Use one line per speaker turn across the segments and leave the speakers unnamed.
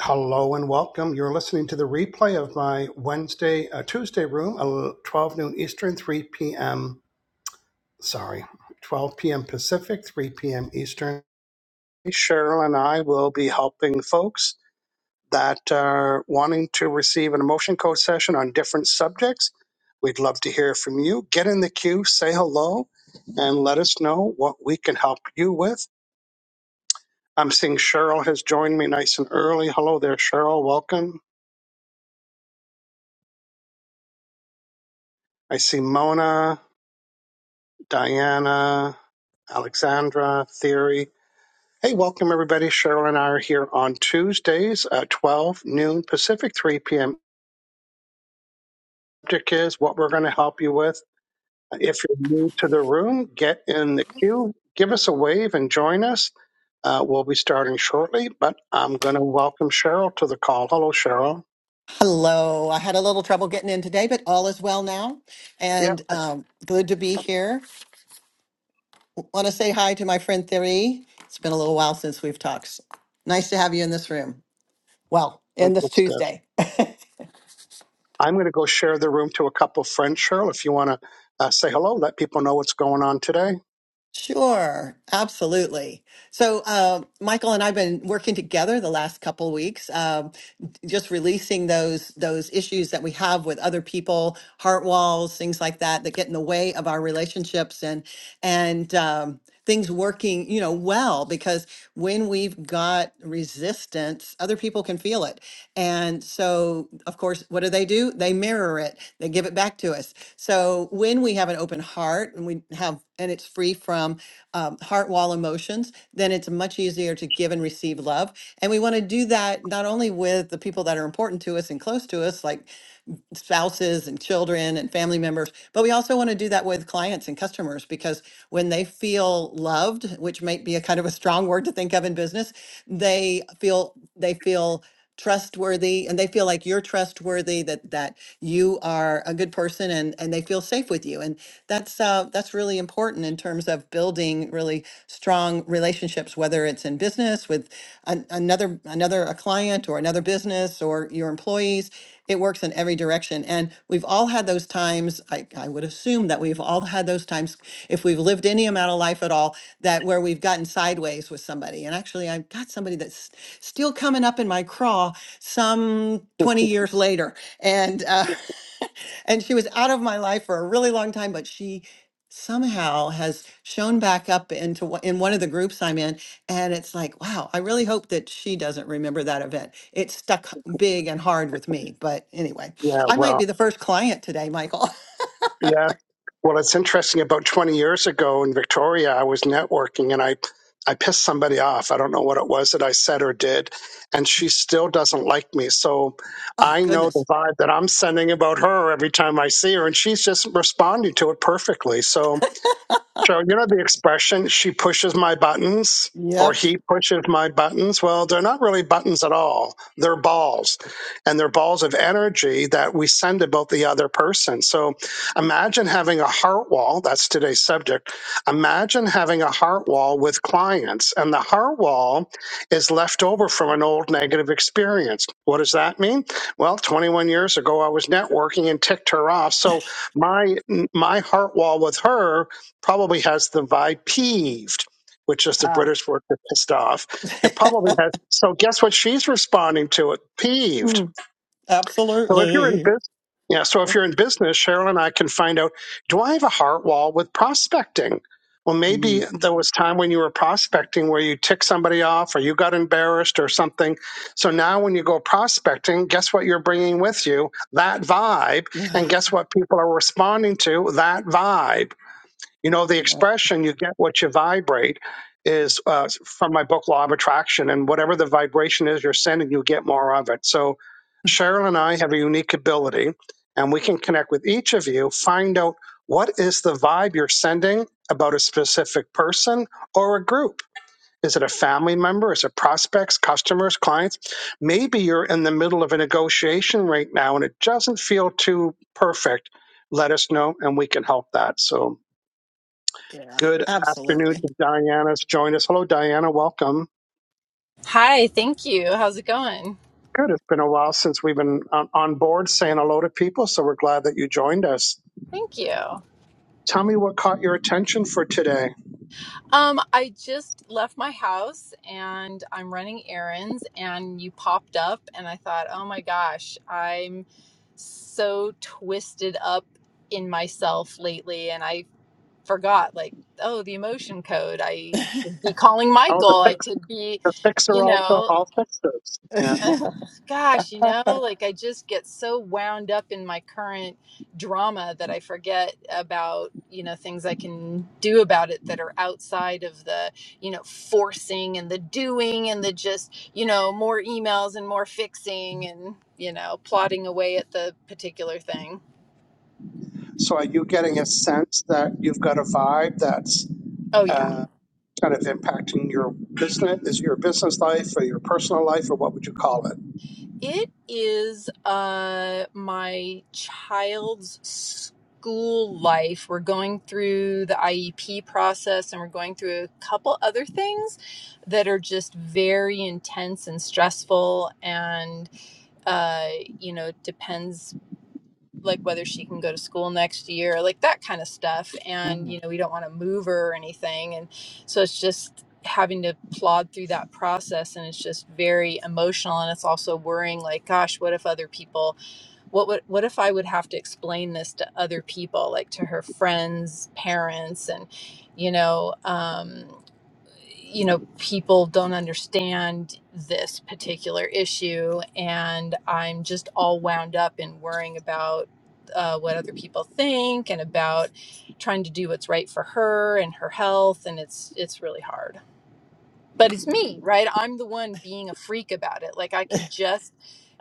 Hello and welcome. You're listening to the replay of my Wednesday, uh, Tuesday room, uh, 12 noon Eastern, 3 p.m. Sorry, 12 p.m. Pacific, 3 p.m. Eastern. Cheryl and I will be helping folks that are wanting to receive an emotion code session on different subjects. We'd love to hear from you. Get in the queue, say hello, and let us know what we can help you with. I'm seeing Cheryl has joined me nice and early. Hello there, Cheryl. Welcome. I see Mona. Diana, Alexandra, Theory. Hey, welcome everybody. Cheryl and I are here on Tuesdays at 12 noon Pacific, 3 p.m. Subject is what we're going to help you with. If you're new to the room, get in the queue, give us a wave, and join us. Uh, we'll be starting shortly, but I'm going to welcome Cheryl to the call. Hello, Cheryl.
Hello. I had a little trouble getting in today, but all is well now.
Yeah.
And um, good to be here. Want to say hi to my friend Thierry. It's been a little while since we've talked. Nice to have you in this room. Well, in this Tuesday.
I'm going to go share the room to a couple of friends, Cheryl. If you want to uh, say hello, let people know what's going on today.
Sure, absolutely. So, uh, Michael and I've been working together the last couple weeks, um, just releasing those those issues that we have with other people, heart walls, things like that that get in the way of our relationships and and um, things working, you know, well. Because when we've got resistance, other people can feel it. And so, of course, what do they do? They mirror it, they give it back to us. So, when we have an open heart and we have, and it's free from um, heart wall emotions, then it's much easier to give and receive love. And we want to do that not only with the people that are important to us and close to us, like spouses and children and family members. But we also want to do that with clients and customers because when they feel loved, which might be a kind of a strong word to think of in business, they feel they feel trustworthy and they feel like you're trustworthy that that you are a good person and and they feel safe with you and that's uh that's really important in terms of building really strong relationships whether it's in business with an, another another a client or another business or your employees it works in every direction. And we've all had those times, I, I would assume that we've all had those times, if we've lived any amount of life at all, that where we've gotten sideways with somebody. And actually, I've got somebody that's still coming up in my craw some 20 years later. And, uh, and she was out of my life for a really long time but she somehow has shown back up into wha- in one of the groups I'm in and it's like wow I really hope that she doesn't remember that event it stuck big and hard with me but anyway
Yeah,
I
well,
might be the first client today Michael
Yeah. Well, it's interesting. About 20 years ago in Victoria, I was networking and I I pissed somebody off. I don't know what it was that I said or did, and she still doesn't like me. So
oh
I know the
goodness
vibe that I'm sending about her every time I see her, and she's just responding to it perfectly. So so you know the expression "she pushes my buttons" or "he pushes my buttons." Well, they're not really buttons at all. They're balls, and they're balls of energy that we send about the other person. So imagine having a heart wall. That's today's subject. Imagine having a heart wall with clients, and the heart wall is left over from an old negative experience. What does that mean? Well, 21 years ago, I was networking and ticked her off. So my my heart wall with her probably has the vibe peeved, which is the
Ah.
British word for pissed off. It probably has. So guess what she's responding to? It peeved.
Mm,
So if you're in
absolutely
business, yeah. So if you're in business, Cheryl and I can find out: Do I have a heart wall with prospecting? Well, maybe
Mm,
there was time when you were prospecting where you ticked somebody off, or you got embarrassed, or something. So now, when you go prospecting, guess what you're bringing with you? That vibe,
yeah
and guess what people are responding to? That vibe. You know, the
yeah,
expression you get what you vibrate is uh, from my book, Law of Attraction. And whatever the vibration is you're sending, you get more of it. So Cheryl and I have a unique ability, and we can connect with each of you, find out what is the vibe you're sending about a specific person or a group. Is it a family member? Is it prospects, customers, clients? Maybe you're in the middle of a negotiation right now and it doesn't feel too perfect. Let us know and we can help that. So,
yeah,
Good afternoon
absolutely
to Diana's joined us. Hello, Diana. Welcome.
Hi, thank you. How's it going?
Good. It's been a while since we've been on, on board saying hello to people, so we're glad that you joined us.
Thank you.
Tell me what caught your attention for today.
Um, I just left my house and I'm running errands and you popped up and I thought, "Oh my gosh, I'm so twisted up in myself lately and I forgot like, oh, the emotion code. I could be calling
Oh, the
Michael. I
text
could be,
messages.
you know,
Yeah.
Ugh,
mm
gosh, you know, like I just get so wound up in my current drama that I forget about, you know, things I can do about it that are outside of the, you know, forcing and the doing and the just, you know, more emails and more fixing and, you know, plotting away at the particular thing.
So, are you getting a sense that you've got a vibe that's
Oh, yeah.
uh, kind of impacting your business? Is your business life or your personal life, or what would you call it?
It is uh my child's school life. We're going through the IEP process and we're going through a couple other things that are just very intense and stressful and uh you know depends like whether she can go to school next year, like that kind of stuff. And, you know, we don't want to move her or anything. And so it's just having to plod through that process and it's just very emotional and it's also worrying like gosh what if other people what would what if I would have to explain this to other people, like to her friends, parents, and you know, um, you know, people don't understand this particular issue, and I'm just all wound up in worrying about uh, what other people think and about trying to do what's right for her and her health, and it's it's really hard but it's me right i'm the one being a freak about it like i could just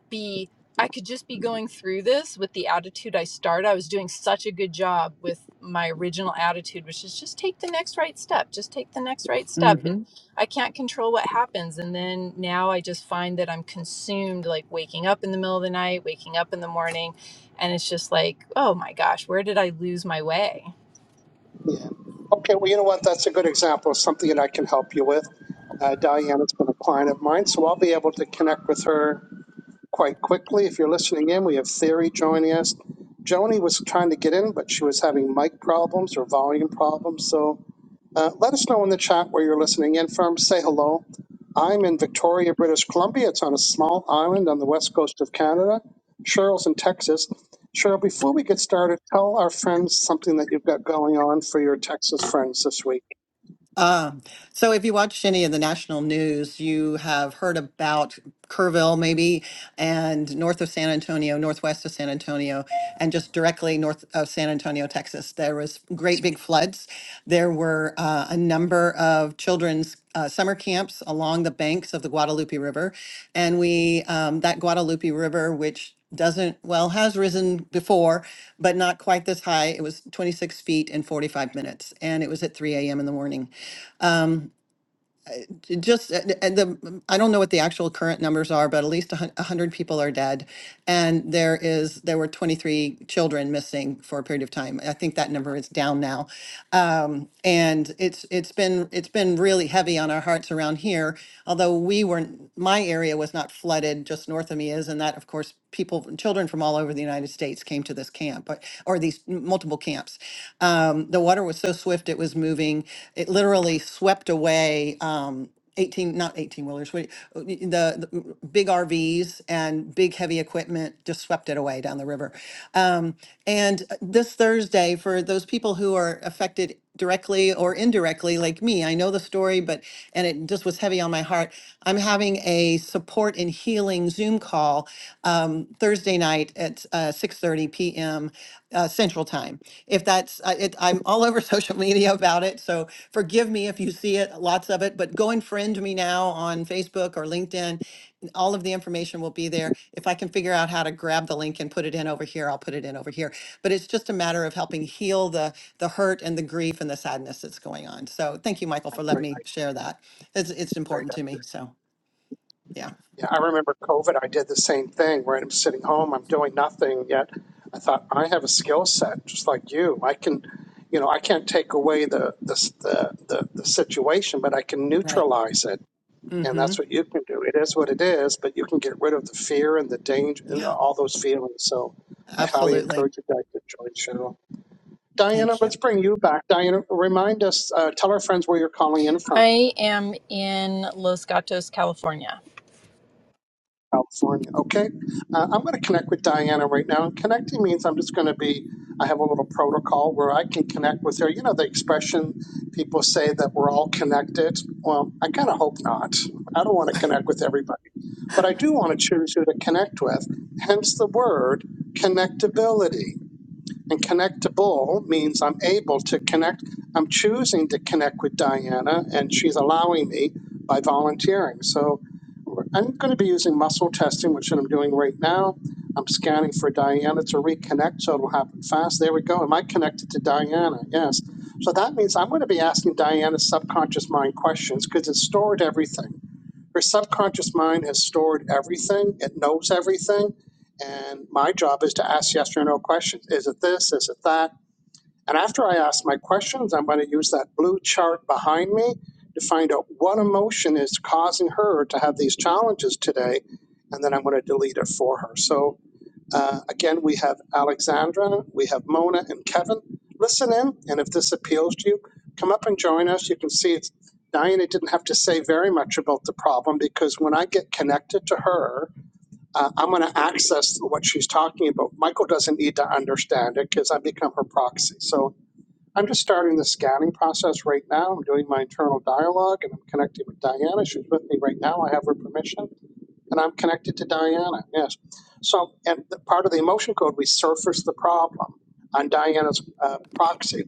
be i could just be going through this with the attitude i started i was doing such a good job with my original attitude which is just take the next right step just take the next right step and
Mhm.
i can't control what happens and then now i just find that i'm consumed like waking up in the middle of the night waking up in the morning and it's just like oh my gosh where did i lose my way
Yeah. Okay, well, you know what? That's a good example of something that I can help you with. Uh, Diana's been a client of mine, so I'll be able to connect with her quite quickly. If you're listening in, we have Theory joining us. Joni was trying to get in, but she was having mic problems or volume problems, so uh, let us know in the chat where you're listening in from. Say hello. I'm in Victoria, British Columbia. It's on a small island on the west coast of Canada. Cheryl's in Texas. Cheryl, before we get started, tell our friends something that you've got going on for your Texas friends this week.
Uh, so, if you watched any of the national news, you have heard about Kerrville, maybe, and north of San Antonio, northwest of San Antonio, and just directly north of San Antonio, Texas. There was great big floods. There were uh, a number of children's uh, summer camps along the banks of the Guadalupe River, and we um, that Guadalupe River, which doesn't well has risen before but not quite this high it was 26 feet in 45 minutes and it was at 3 a.m in the morning just and and the I don't know what the actual current numbers are, but at least a hun- a hundred people are dead, and there is there were twenty three children missing for a period of time. I think that number is down now, um, and it's it's been it's been really heavy on our hearts around here. Although we weren't, my area was not flooded, just north of me is, and that of course people children from all over the United States came to this camp but, or these m- multiple camps. Um, the water was so swift it was moving; it literally swept away. Um, 18, not 18 wheelers, what, uh, the, the big RVs and big heavy equipment just swept it away down the river. Um, and uh, this Thursday, for those people who are affected directly or indirectly, like me, I know the story, but, and it just was heavy on my heart. I'm having a support and healing Zoom call call um, Thursday night at uh, 6:30 p.m. Uh, Central Time. If that's, uh, it, I'm all over social media about it, so forgive me if you see it, lots of it. But go and friend me now on Facebook or LinkedIn. All of the information will be there. If I can figure out how to grab the link and put it in over here, I'll put it in over here. But it's just a matter of helping heal the the hurt and the grief and the sadness that's going on. So thank you, Michael, for letting
Great,
me share that. It's it's
great.
important to me. So yeah,
Yeah, I remember COVID. I did the same thing where I'm sitting home, I'm doing nothing. Yet I thought I have a skill set just like you. I can, you know, I can't take away the the the, the, the situation, but I can
right.
neutralize it And
Mm-hmm.
that's what you can do. It is what it is, but you can get rid of the fear and the danger and
Yeah.
all those feelings. So I highly
Absolutely.
encourage you guys to join Cheryl. Diana,
Thank
let's
you.
bring you back. Diana, remind us, uh, tell our friends where you're calling in from.
i am in los gatos california
California. Okay. Uh, I'm going to connect with Diana right now. And connecting means I'm just going to be, I have a little protocol where I can connect with her. You know, the expression people say that we're all connected. Well, I kind of hope not. I don't want to connect with everybody, but I do want to choose who to connect with, hence the word connectability. And connectable means I'm able to connect. I'm choosing to connect with Diana, and she's allowing me by volunteering. So I'm going to be using muscle testing, which I'm doing right now. I'm scanning for Diana to reconnect, so it'll happen fast. There we go. Am I connected to Diana? Yes. So that means I'm going to be asking Diana's subconscious mind questions because it's stored everything. Her subconscious mind has stored everything, it knows everything. And my job is to ask yes or no questions. Is it this? Is it that? And after I ask my questions, I'm going to use that blue chart behind me to find out what emotion is causing her to have these challenges today. And then I'm going to delete it for her. So uh, again, we have Alexandra, we have Mona and Kevin. Listen in, and if this appeals to you, come up and join us. You can see it's, Diana didn't have to say very much about the problem because when I get connected to her, uh, I'm going to access what she's talking about. Michael doesn't need to understand it because I become her proxy. So I'm just starting the scanning process right now. I'm doing my internal dialogue and I'm connecting with Diana. She's with me right now. I have her permission and I'm connected to Diana, yes. So, and the part of the emotion code, we surface the problem on Diana's uh, proxy.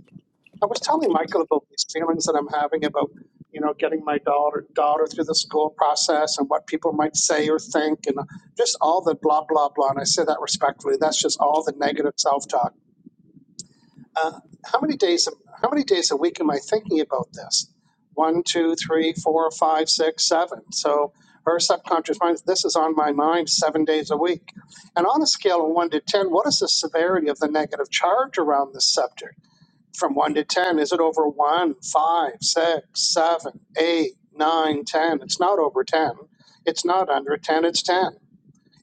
I was telling Michael about these feelings that I'm having about, you know, getting my daughter daughter through the school process and what people might say or think, and just all the blah blah blah. And I say that respectfully. That's just all the negative self talk uh, how many days how many days a week am I thinking about this? One, two, three, four, five, six, seven. So her subconscious mind, this is on my mind seven days a week. And on a scale of one to ten, what is the severity of the negative charge around this subject? From one to ten, is it over one, five, six, seven, eight, nine, ten? It's not over ten. It's not under ten, it's ten.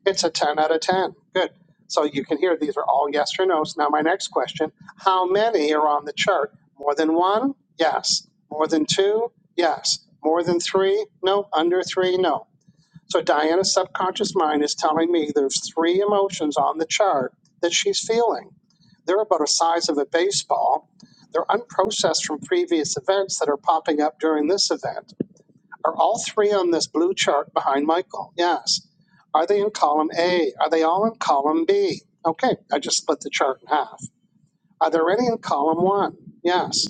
It's a 10 out of 10. Good. So you can hear these are all yes or no's. Now, my next question how many are on the chart? More than one? Yes. More than two? Yes. More than three? No. Under three? No. So Diana's subconscious mind is telling me there's three emotions on the chart that she's feeling. They're about the size of a baseball. They're unprocessed from previous events that are popping up during this event are all three on this blue chart behind Michael? Yes. Are they in column A? Are they all in column B? Okay, I just split the chart in half. Are there any in column one? Yes.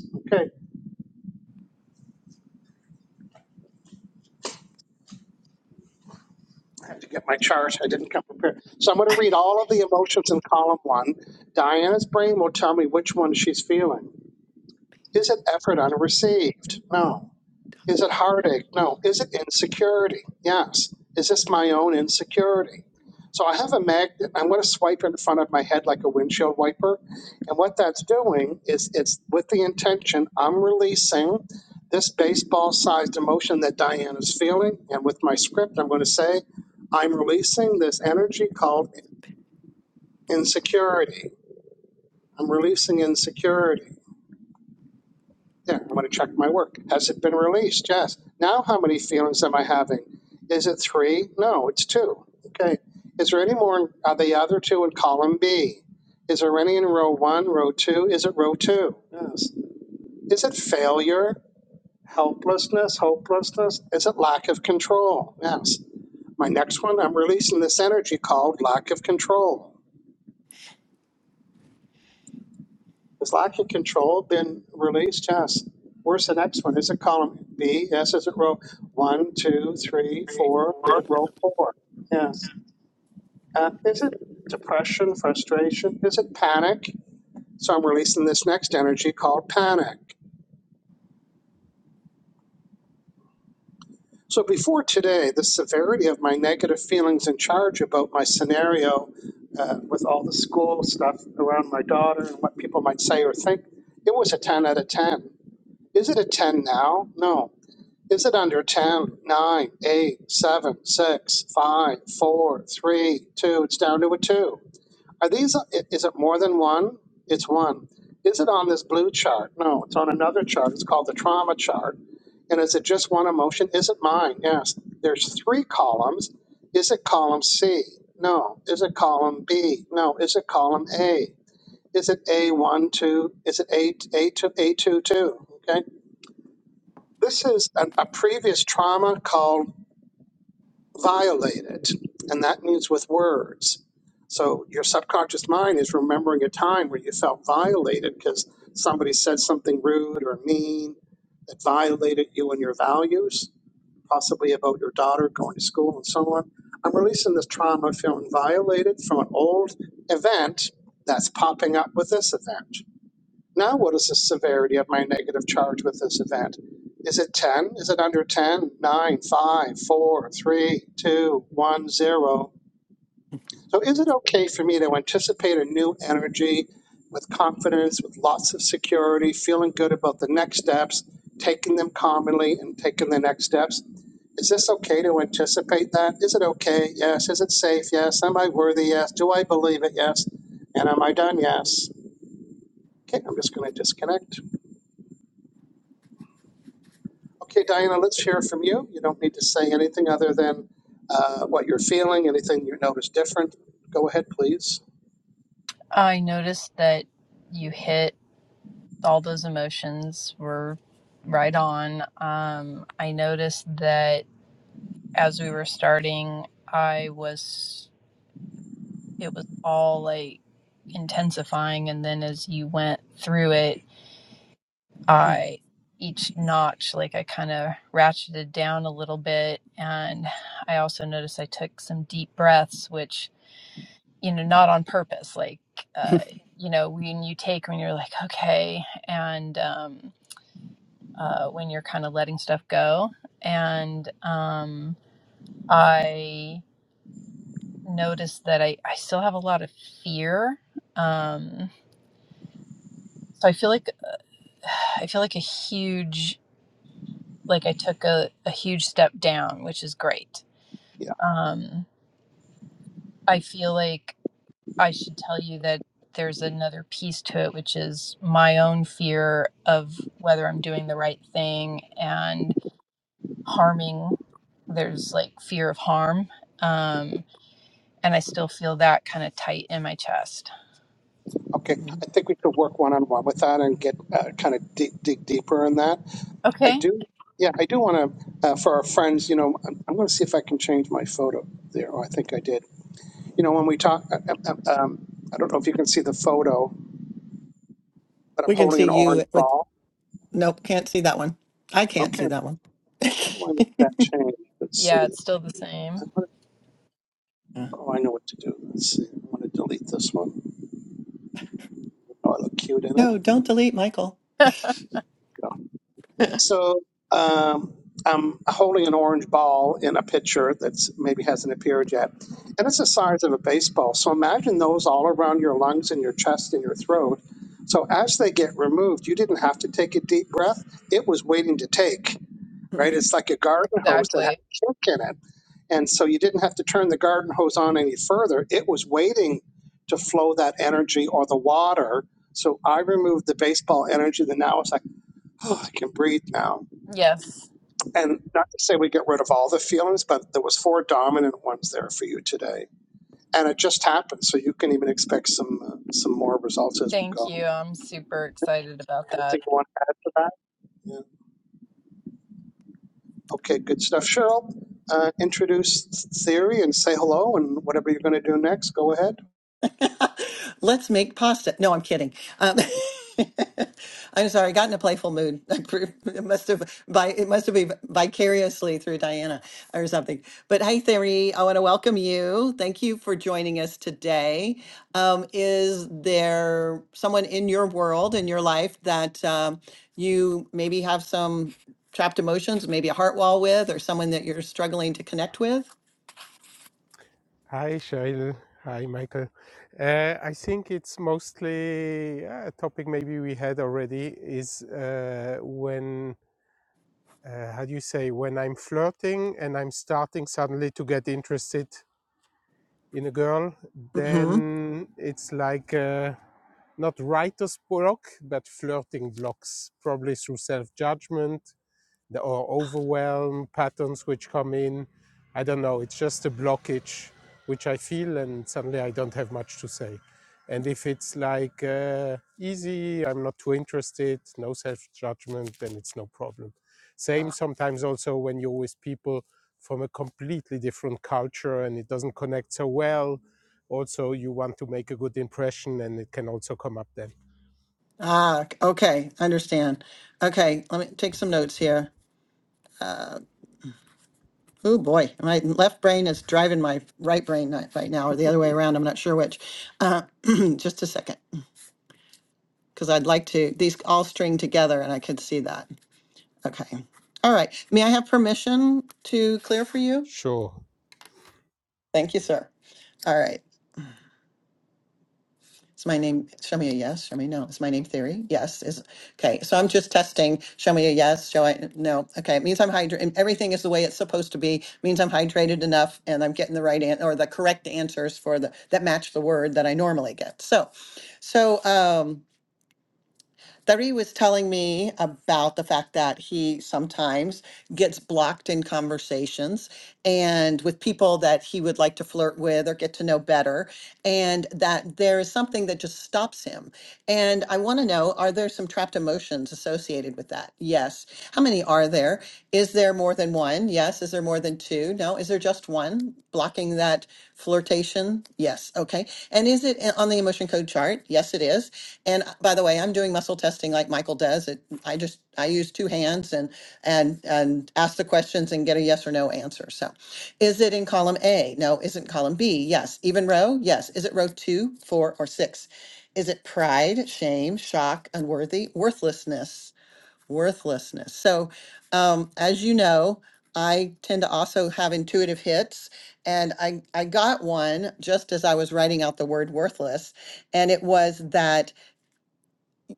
I have to get my chart. I didn't come prepared. So I'm going to read all of the emotions in column one. Diana's brain will tell me which one she's feeling. Is it effort unreceived? No. Is it heartache? No. Is it insecurity? Yes. Is this my own insecurity? So I have a magnet. I'm going to swipe in front of my head like a windshield wiper. And what that's doing is it's with the intention I'm releasing this baseball sized emotion that Diane is feeling. And with my script, I'm going to say, I'm releasing this energy called insecurity. I'm releasing insecurity. Yeah, I'm going to check my work. Has it been released? Yes. Now, how many feelings am I having? Is it three? No, it's two. Okay. Is there any more? Are the other two in column B? Is there any in row one, row two? Is it row two? Yes. Is it failure, helplessness, hopelessness? Is it lack of control? Yes. My next one, I'm releasing this energy called lack of control. Is lacking control, then release test. Where's the next one? Is it column B? Yes, is it row one, two, three, four? Is it row four? Yes. Uh, is it depression, frustration? Is it panic? So I'm releasing this next energy called panic. So before today, the severity of my negative feelings and charge about my scenario uh, with all the school stuff around my daughter and what people might say or think, it was a 10 out of 10. Is it a 10 now? No. Is it under 10, 9, eight, seven, six, five, four, three, two? It's down to a 2. Are these, is it more than one? It's one. Is it on this blue chart? No, it's on another chart. It's called the trauma chart. And is it just one emotion? Is it mine? Yes. There's three columns. Is it column C? No. Is it column B? No. Is it column A? Is it A1, 2? Is it A, A2, A2, 2? Okay. This is a, a previous trauma called violated, and that means with words. So your subconscious mind is remembering a time where you felt violated because somebody said something rude or mean that violated you and your values, possibly about your daughter going to school and so on. I'm releasing this trauma of feeling violated from an old event that's popping up with this event. Now, what is the severity of my negative charge with this event? Is it 10? Is it under 10? three, two, one, zero. So, is it okay for me to anticipate a new energy with confidence, with lots of security, feeling good about the next steps, taking them calmly and taking the next steps? Is this okay to anticipate that? Is it okay? Yes. Is it safe? Yes. Am I worthy? Yes. Do I believe it? Yes. And am I done? Yes. Okay, I'm just going to disconnect. Okay, Diana, let's hear from you. You don't need to say anything other than uh, what you're feeling, anything you notice different. Go ahead, please.
I noticed that you hit all those emotions were right on. Um, I noticed that as we were starting, I was, it was all like intensifying. And then as you went through it,
Hmm.
I each notch like I kind of ratcheted down a little bit and I also noticed I took some deep breaths which you know not on purpose like uh you know when you take when you're like okay and um uh when you're kind of letting stuff go and um I noticed that I I still have a lot of fear um so I feel like I feel like a huge like I took a, a huge step down, which is great.
Yeah,
Um, I feel like I should tell you that there's another piece to it, which is my own fear of whether I'm doing the right thing and harming. There's like fear of harm. Um, and I still feel that kind of tight in my chest.
okay. I think we could work one on one with that and get uh, kind of dig, dig deeper in that. I
Okay.
do, yeah, I do want to, uh, for our friends, you know, I'm, I'm going to see if I can change my photo there. Oh, I think I did. You know, when we talk, uh, uh, um, um, I don't know if you can see the photo, but I'm
We can
holding
see
an orange
you with,
ball.
nope, can't see that one. I can't
Okay,
see that one.
how do I make that change? Let's see.
Yeah, it's still the same.
I'm going
Yeah.
Oh, I know what to do. Let's see. i want to delete this one. Oh, I look cute in it.
No, don't delete Michael.
Go. So um, I'm holding an orange ball in a picture that's maybe hasn't appeared yet. And it's the size of a baseball. So imagine those all around your lungs and your chest and your throat. So as they get removed, you didn't have to take a deep breath. It was waiting to take. right? It's like a garden hose that had
exactly.
a kink in it. And so you didn't have to turn the garden hose on any further. It was waiting to flow that energy or the water. So I removed the baseball energy and now it's like, oh, I can breathe now.
Yes.
And not to say we get rid of all the feelings, but there was four dominant ones there for you today. And it just happened. So you can even expect some uh, some more results as we
Thank
go.
you. I'm super excited about that.
Anything you want to add to that? Okay, good stuff. Cheryl, uh, introduce theory and say hello and whatever you're going to do next, go ahead.
Let's make pasta. No, I'm kidding. Um, I'm sorry. I got in a playful mood. It must have by it must have been vicariously through Diana or something. But hey, Theory, I want to welcome you. Thank you for joining us today. Um, is there someone in your world in your life that um, you maybe have some trapped emotions, maybe a heart wall with, or someone that you're struggling to connect with?
Hi, Shail. Hi, Michael. Uh, I think it's mostly uh, a topic maybe we had already is uh, when, uh, how do you say, when I'm flirting and I'm starting suddenly to get interested in a girl, then it's like uh, not writer's block, but flirting blocks, probably through self judgment the, or overwhelm patterns which come in. I don't know. It's just a blockage which I feel, and suddenly I don't have much to say. And if it's like uh, easy, I'm not too interested, no self judgment, then it's no problem. Same sometimes also when you're with people from a completely different culture and it doesn't connect so well also you want to make a good impression and it can also come up then
Ah, c- okay, understand. Okay, let me take some notes here. Oh boy, my left brain is driving my right brain ni- right now, or the other way around. I'm not sure which. Uh, just a second, because I'd like to, these all string together and I could see that. Okay. All right. May I have permission to clear for you?
sure
Thank you, sir. All right. Is my name, show me a yes, show me no. Is my name theory? Yes. Is okay. So I'm just testing. Show me a yes, show I no. Okay. It means I'm hydrated. Everything is the way it's supposed to be. Means I'm hydrated enough and I'm getting the right answer or the correct answers for the that match the word that I normally get. So, so, um, Thari was telling me about the fact that he sometimes gets blocked in conversations and with people that he would like to flirt with or get to know better, and that there is something that just stops him. And I want to know are there some trapped emotions associated with that? Yes. How many are there? Is there more than one? Yes. Is there more than two? No. Is there just one blocking that flirtation? Yes. Okay. And is it eh, on the emotion code chart? Yes, it is. And uh, by the way, I'm doing muscle testing like Michael does. It, I just I use two hands and and and ask the questions and get a yes or no answer. So, is it in column A? No. Isn't column B? Yes. Even row? Yes. Is it row two, four, or six? Is it pride, shame, shock, unworthy, worthlessness, worthlessness? So, um, as you know, I tend to also have intuitive hits, and I I got one just as I was writing out the word worthless, and it was that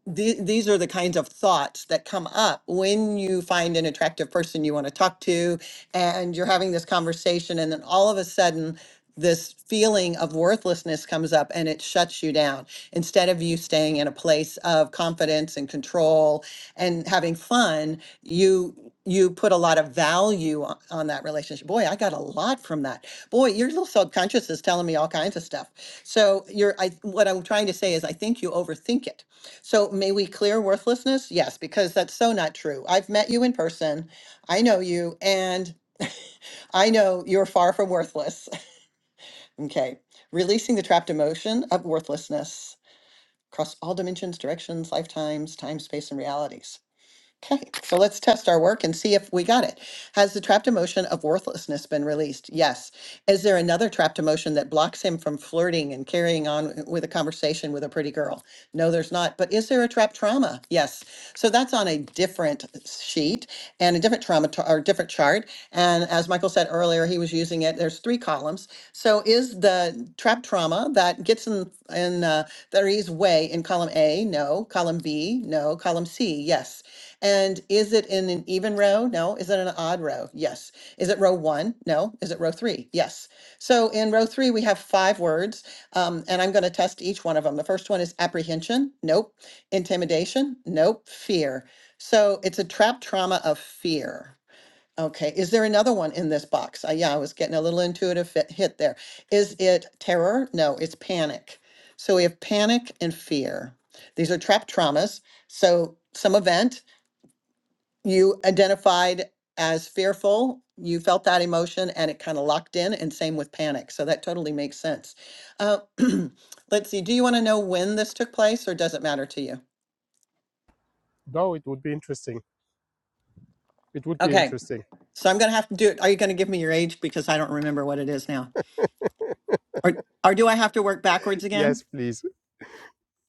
the, these are the kinds of thoughts that come up when you find an attractive person you want to talk to and you're having this conversation and then all of a sudden this feeling of worthlessness comes up and it shuts you down instead of you staying in a place of confidence and control and having fun you you put a lot of value on, on that relationship boy i got a lot from that boy your little subconscious is telling me all kinds of stuff so you're i what i'm trying to say is i think you overthink it so may we clear worthlessness? Yes, because that's so not true. I've met you in person. I know you, and I know you're far from worthless. okay. Releasing the trapped emotion of worthlessness across all dimensions, directions, lifetimes, time, space, and realities. Okay, so let's test our work and see if we got it. Has the trapped emotion of worthlessness been released? Yes. Is there another trapped emotion that blocks him from flirting and carrying on with a conversation with a pretty girl? No, there's not. But is there a trapped trauma? Yes. So that's on a different sheet and a different trauma t- or different chart. And as Michael said earlier, he was using it. There's three columns. So is the trapped trauma that gets in in uh, Three's way in column A? No. Column B? No. Column C? Yes. And is it in an even row? No. Is it an odd row? Yes. Is it row one? No. Is it row three? Yes. So in row three, we have five words, um, and I'm going to test each one of them. The first one is apprehension. Nope. Intimidation. Nope. Fear. So it's a trap trauma of fear. Okay. Is there another one in this box? Uh, yeah, I was getting a little intuitive fit, hit there. Is it terror? No, it's panic. So we have panic and fear. These are trap traumas. So some event you identified as fearful, you felt that emotion and it kind of locked in, and same with panic. So that totally makes sense. Uh, let's see, do you want to know when this took place or does it matter to you?
no it would be interesting it would be
Okay,
interesting
so I'm going to have to do it. Are you going to give me your age because I don't remember what it is now? Or, or do I have to work backwards again?
yes please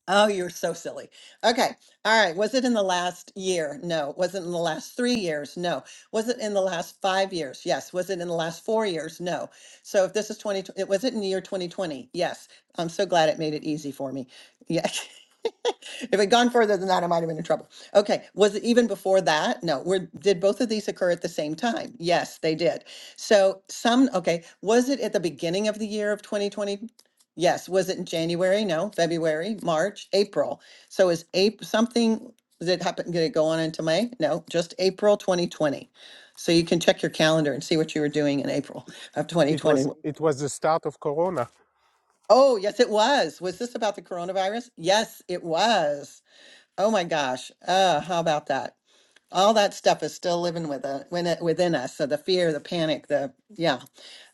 Oh, you're so silly. Okay. All right. Was it in the last year? No. Was it in the last three years? No. Was it in the last five years? Yes. Was it in the last four years? No. So if this is 20, it was it in the year 2020? Yes. I'm so glad it made it easy for me. Yeah. if it gone further than that, I might have been in trouble. Okay. Was it even before that? No. Were did both of these occur at the same time? Yes, they did. So some okay. Was it at the beginning of the year of 2020? Yes, was it in January? No, February, March, April. So is April something that happened, did it go on into May? No, just April 2020. So you can check your calendar and see what you were doing in April of
it was
2020.
it was the start of corona
Oh, yes, it was. Was this about the coronavirus? Yes, it was. Oh my gosh. Uh, how about that? All that stuff is still living with it, when it within us. So the fear, the panic, the yeah.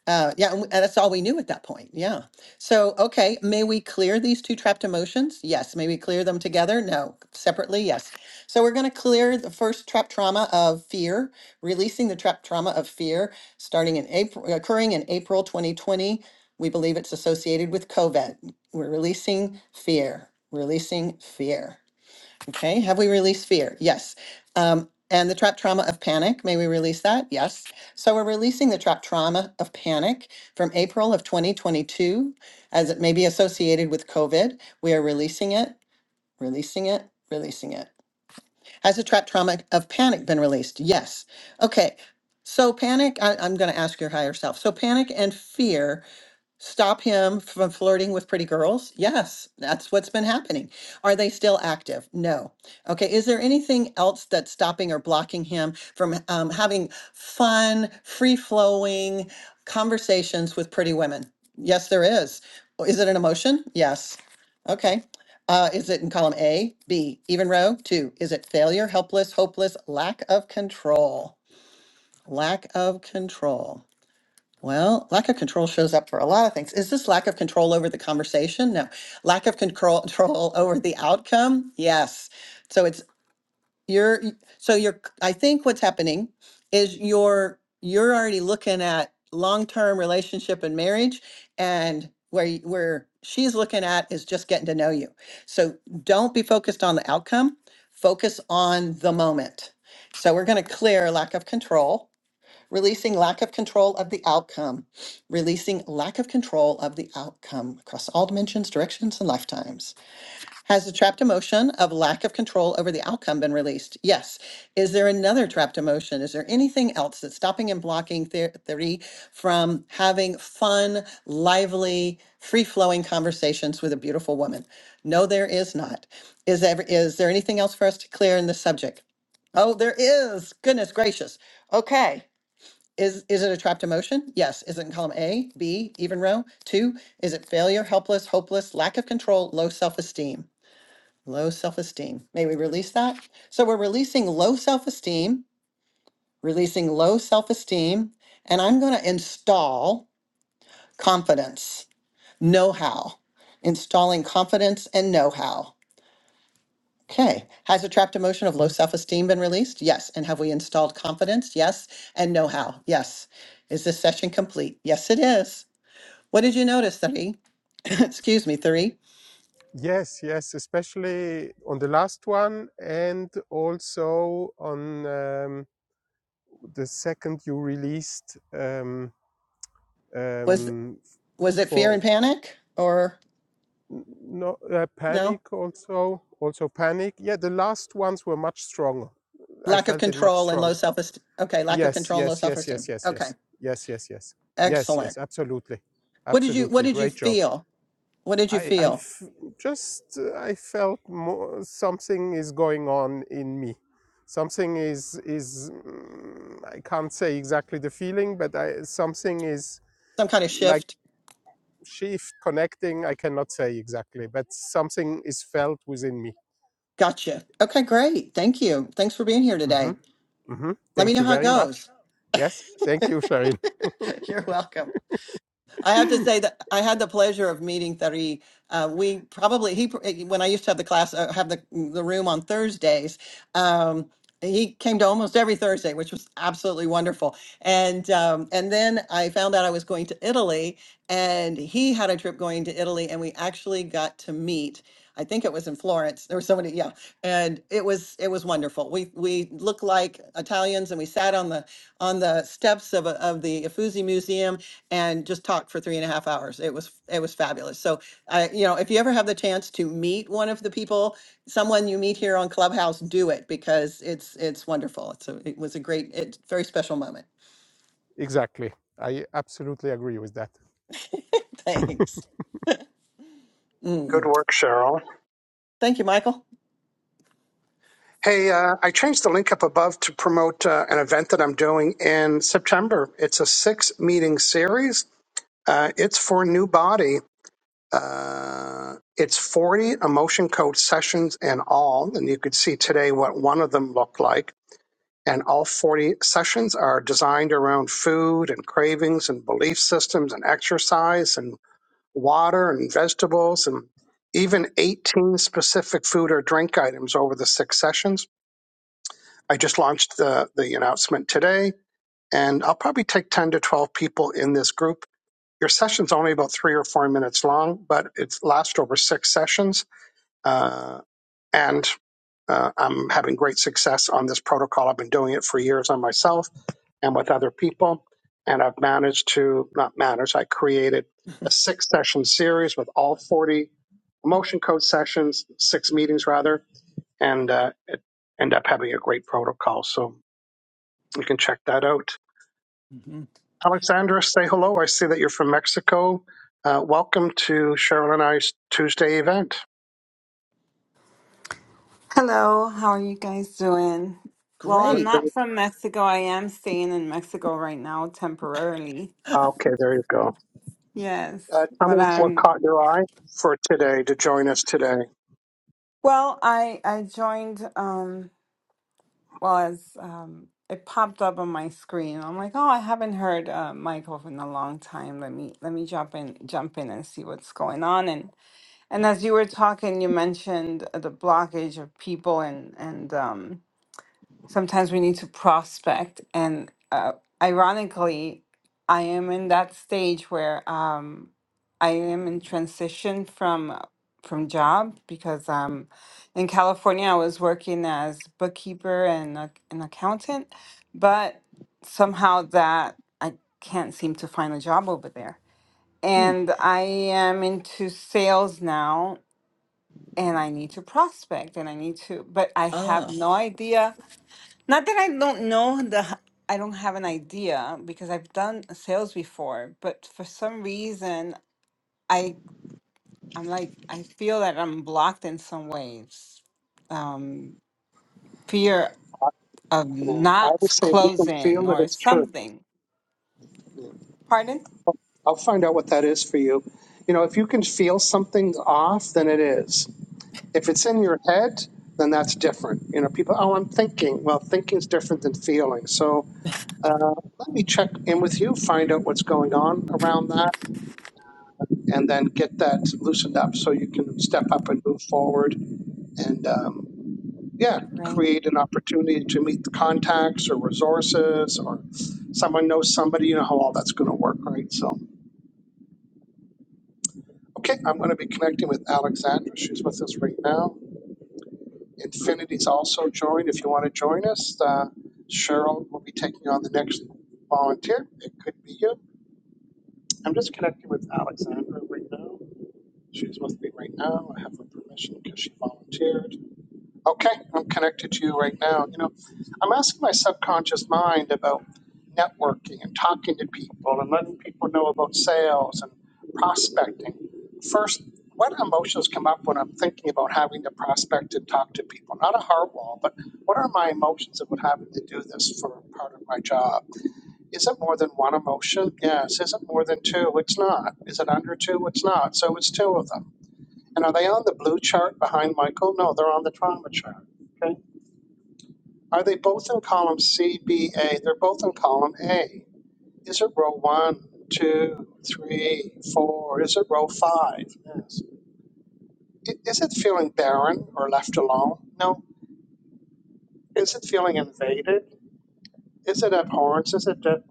Uh, yeah, and we- and that's all we knew at that point. Yeah. So, okay, may we clear these two trapped emotions? Yes. May we clear them together? No. Separately? Yes. So, we're going to clear the first trapped trauma of fear, releasing the trapped trauma of fear starting in April, occurring in April 2020. We believe it's associated with COVID. We're releasing fear, releasing fear. Okay, have we released fear? Yes. Um, and the trap trauma of panic, may we release that? Yes. So we're releasing the trap trauma of panic from April of 2022 as it may be associated with COVID. We are releasing it, releasing it, releasing it. Has the trap trauma of panic been released? Yes. Okay, so panic, I, I'm going to ask your higher self. So panic and fear Stop him from flirting with pretty girls? Yes, that's what's been happening. Are they still active? No. Okay, is there anything else that's stopping or blocking him from um, having fun, free flowing conversations with pretty women? Yes, there is. Oh, Is it an emotion? Yes. Okay. Uh, is it in column A, B, even row? Two. Is it failure, helpless, hopeless, lack of control? Lack of control. Well, lack of control shows up for a lot of things. Is this lack of control over the conversation? No. Lack of control control over the outcome? Yes. So it's you're so you're I think what's happening is you're you're already looking at long-term relationship and marriage and where y- where she's looking at is just getting to know you. So don't be focused on the outcome, focus on the moment. So we're going to clear lack of control releasing lack of control of the outcome, releasing lack of control of the outcome across all dimensions, directions, and lifetimes. Has the trapped emotion of lack of control over the outcome been released? Yes. Is there another trapped emotion? Is there anything else that's stopping and blocking the- theory from having fun, lively, free flowing conversations with a beautiful woman? No, there is not. Is there, is there anything else for us to clear in this subject? Oh, there is. Goodness gracious. Okay. Is, is it a trapped emotion? Yes. Is it in column A, B, even row? Two, is it failure, helpless, hopeless, lack of control, low self esteem? Low self esteem. May we release that? So we're releasing low self esteem, releasing low self esteem, and I'm going to install confidence, know how, installing confidence and know how. Okay. Has a trapped emotion of low self esteem been released? Yes. And have we installed confidence? Yes. And know how? Yes. Is this session complete? Yes, it is. What did you notice, three? Excuse me, three.
Yes, yes, especially on the last one and also on um, the second you released um,
Was
um, f-
was
f-
it fear and
for
panic or
n- no uh,
no?
panic also also panic. Yeah, the last ones were much stronger. I
Lack of
felt it much
control and
stronger.
low self-esteem. Okay, lack of
Yes,
control and low
yes, yes,
self-esteem.
yes, yes,
Okay.
yes, yes, yes, yes, yes,
Excellent.
yes, absolutely,
What did you what
absolutely.
did you
Great job.
feel? What did you
I, I
feel?
f- just uh, I felt more, something is going on in me. Something is is mm, I can't say exactly the feeling, but I, something is
Some kind of
like
shift?
shift connecting. I cannot say exactly, but something is felt within me.
Gotcha. Okay, great. Thank you. Thanks for being here
hmm
today.
hmm
Let me
Thank
know
you
how it
very much.
goes.
Yes, thank you, Sharin.
You're welcome. I have to say that I had the pleasure of meeting Tariq. Uh, we probably he when I used to have the class uh, have the the room on Thursdays. Um, he came to almost every Thursday, which was absolutely wonderful. And um, and then I found out I was going to Italy, and he had a trip going to Italy, and we actually got to meet. I think it was in Florence. There was somebody, yeah, and it was it was wonderful. We we looked like Italians, and we sat on the on the steps of a, of the Uffizi Museum, and just talked for three and a half hours. It was it was fabulous. So I, you know, if you ever have the chance to meet one of the people, someone you meet here on Clubhouse, do it because it's it's wonderful. It's a, it was a great, it's very special moment.
exactly. I absolutely agree with that.
Thanks.
Good
Mm.
work, Cheryl.
Thank you, Michael.
Hey, uh, I changed the link up above to promote uh, an event that I'm doing in September. It's a six meeting series. Uh, it's for New Body. Uh, it's 40 emotion code sessions in all. And you could see today what one of them looked like. and all 40 sessions are designed around food and cravings and belief systems and exercise and water and vegetables and even 18 specific food or drink items over the six sessions. I just launched the, the announcement today, and I'll probably take 10 to 12 people in this group. Your session's only about three or four minutes long, but it lasts over six sessions uh, and uh, I'm having great success on this protocol. I've been doing it for years on myself and with other people, and I've managed to not managed. I created a six session series with all 40 emotion code sessions, six meetings rather, and uh, it end up having a great protocol. So you can check that out.
hmm
Alexandra, say hello. I see that you're from Mexico. Uh, welcome to Cheryl and I's Tuesday event.
Hello, how are you guys doing? Well,
You're
I'm
Great.
good.
not from Mexico. I am staying in Mexico right now temporarily.
Okay, there you go.
Yes,
Uh, tell me
but
what
I'm
caught your eye for today to join us today.
well, I I joined um well as um it popped up on my screen. I'm like, "Oh, I haven't heard uh Michael in a long time. Let me let me jump in jump in and see what's going on." And and as you were talking, you mentioned uh, the blockage of people and and um sometimes we need to prospect and uh, ironically i am in that stage where um, i am in transition from from job because um, in california i was working as bookkeeper and a, an accountant but somehow that i can't seem to find a job over there
Hmm.
and i am into sales now and i need to prospect and i need to but i have
Ah,
no idea not that I don't know the, I don't have an idea because I've done sales before, but for some reason I I'm like I feel that I'm blocked in some ways. Um, fear of
Yeah. I
not
would
s-
say if you can
closing
feel that
or
it's true,
something.
yeah.
Pardon?
I'll find out what that is for you. You know, if you can feel something's off, then it is. If it's in your head, then that's different. You know, people, oh, I'm thinking. Well, thinking's different than feeling. So uh, let me check in with you, find out what's going on around that, and then get that loosened up so you can step up and move forward. And um, yeah,
Right.
create an opportunity to meet the contacts or resources or someone knows somebody, you know how all that's going to work, right? So, okay, I'm going to be connecting with Alexandra. She's with us right now. Infinity's also joined. If you want to join us, uh, Cheryl will be taking on the next volunteer. It could be you. I'm just connecting with Alexandra right now. She's with me right now. I have her permission because she volunteered. Okay, I'm connected to you right now. You know, I'm asking my subconscious mind about networking and talking to people and letting people know about sales and prospecting. First, what emotions come up when I'm thinking about having to prospect and talk to people? Not a hard wall, but what are my emotions about having to do this for part of my job? Is it more than one emotion? Yes. Is it more than two? It's not. Is it under two? It's not. So it's two of them. And are they on the blue chart behind Michael? No, they're on the trauma chart. Are they both in column C, B, A? They're both in column A. Is it row one, two, three, four? Is it row five? Yes. I- Is it feeling barren or left alone? No. Is it feeling invaded? Is it abhorrence? Is it? de-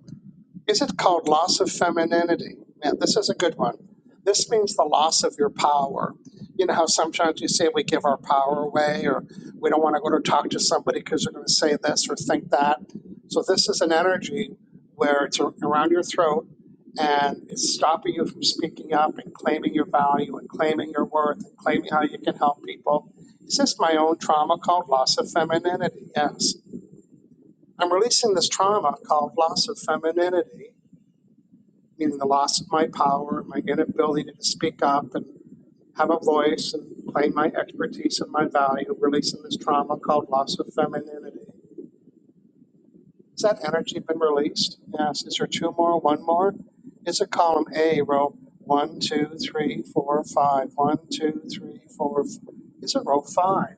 Is it called loss of femininity? Now, this is a good one. This means the loss of your power. You know how sometimes you say we give our power away or we don't want to go to talk to somebody because they're going to say this or think that. So, this is an energy where it's around your throat and it's stopping you from speaking up and claiming your value and claiming your worth and claiming how you can help people. It's just my own trauma called loss of femininity. Yes. I'm releasing this trauma called loss of femininity meaning the loss of my power, my inability to speak up and have a voice and claim my expertise and my value, releasing this trauma called loss of femininity. Has that energy been released? Yes. Is there two more? One more? It's a column A row one, two, three, four, five. One, two, three, four. f- It's a row five.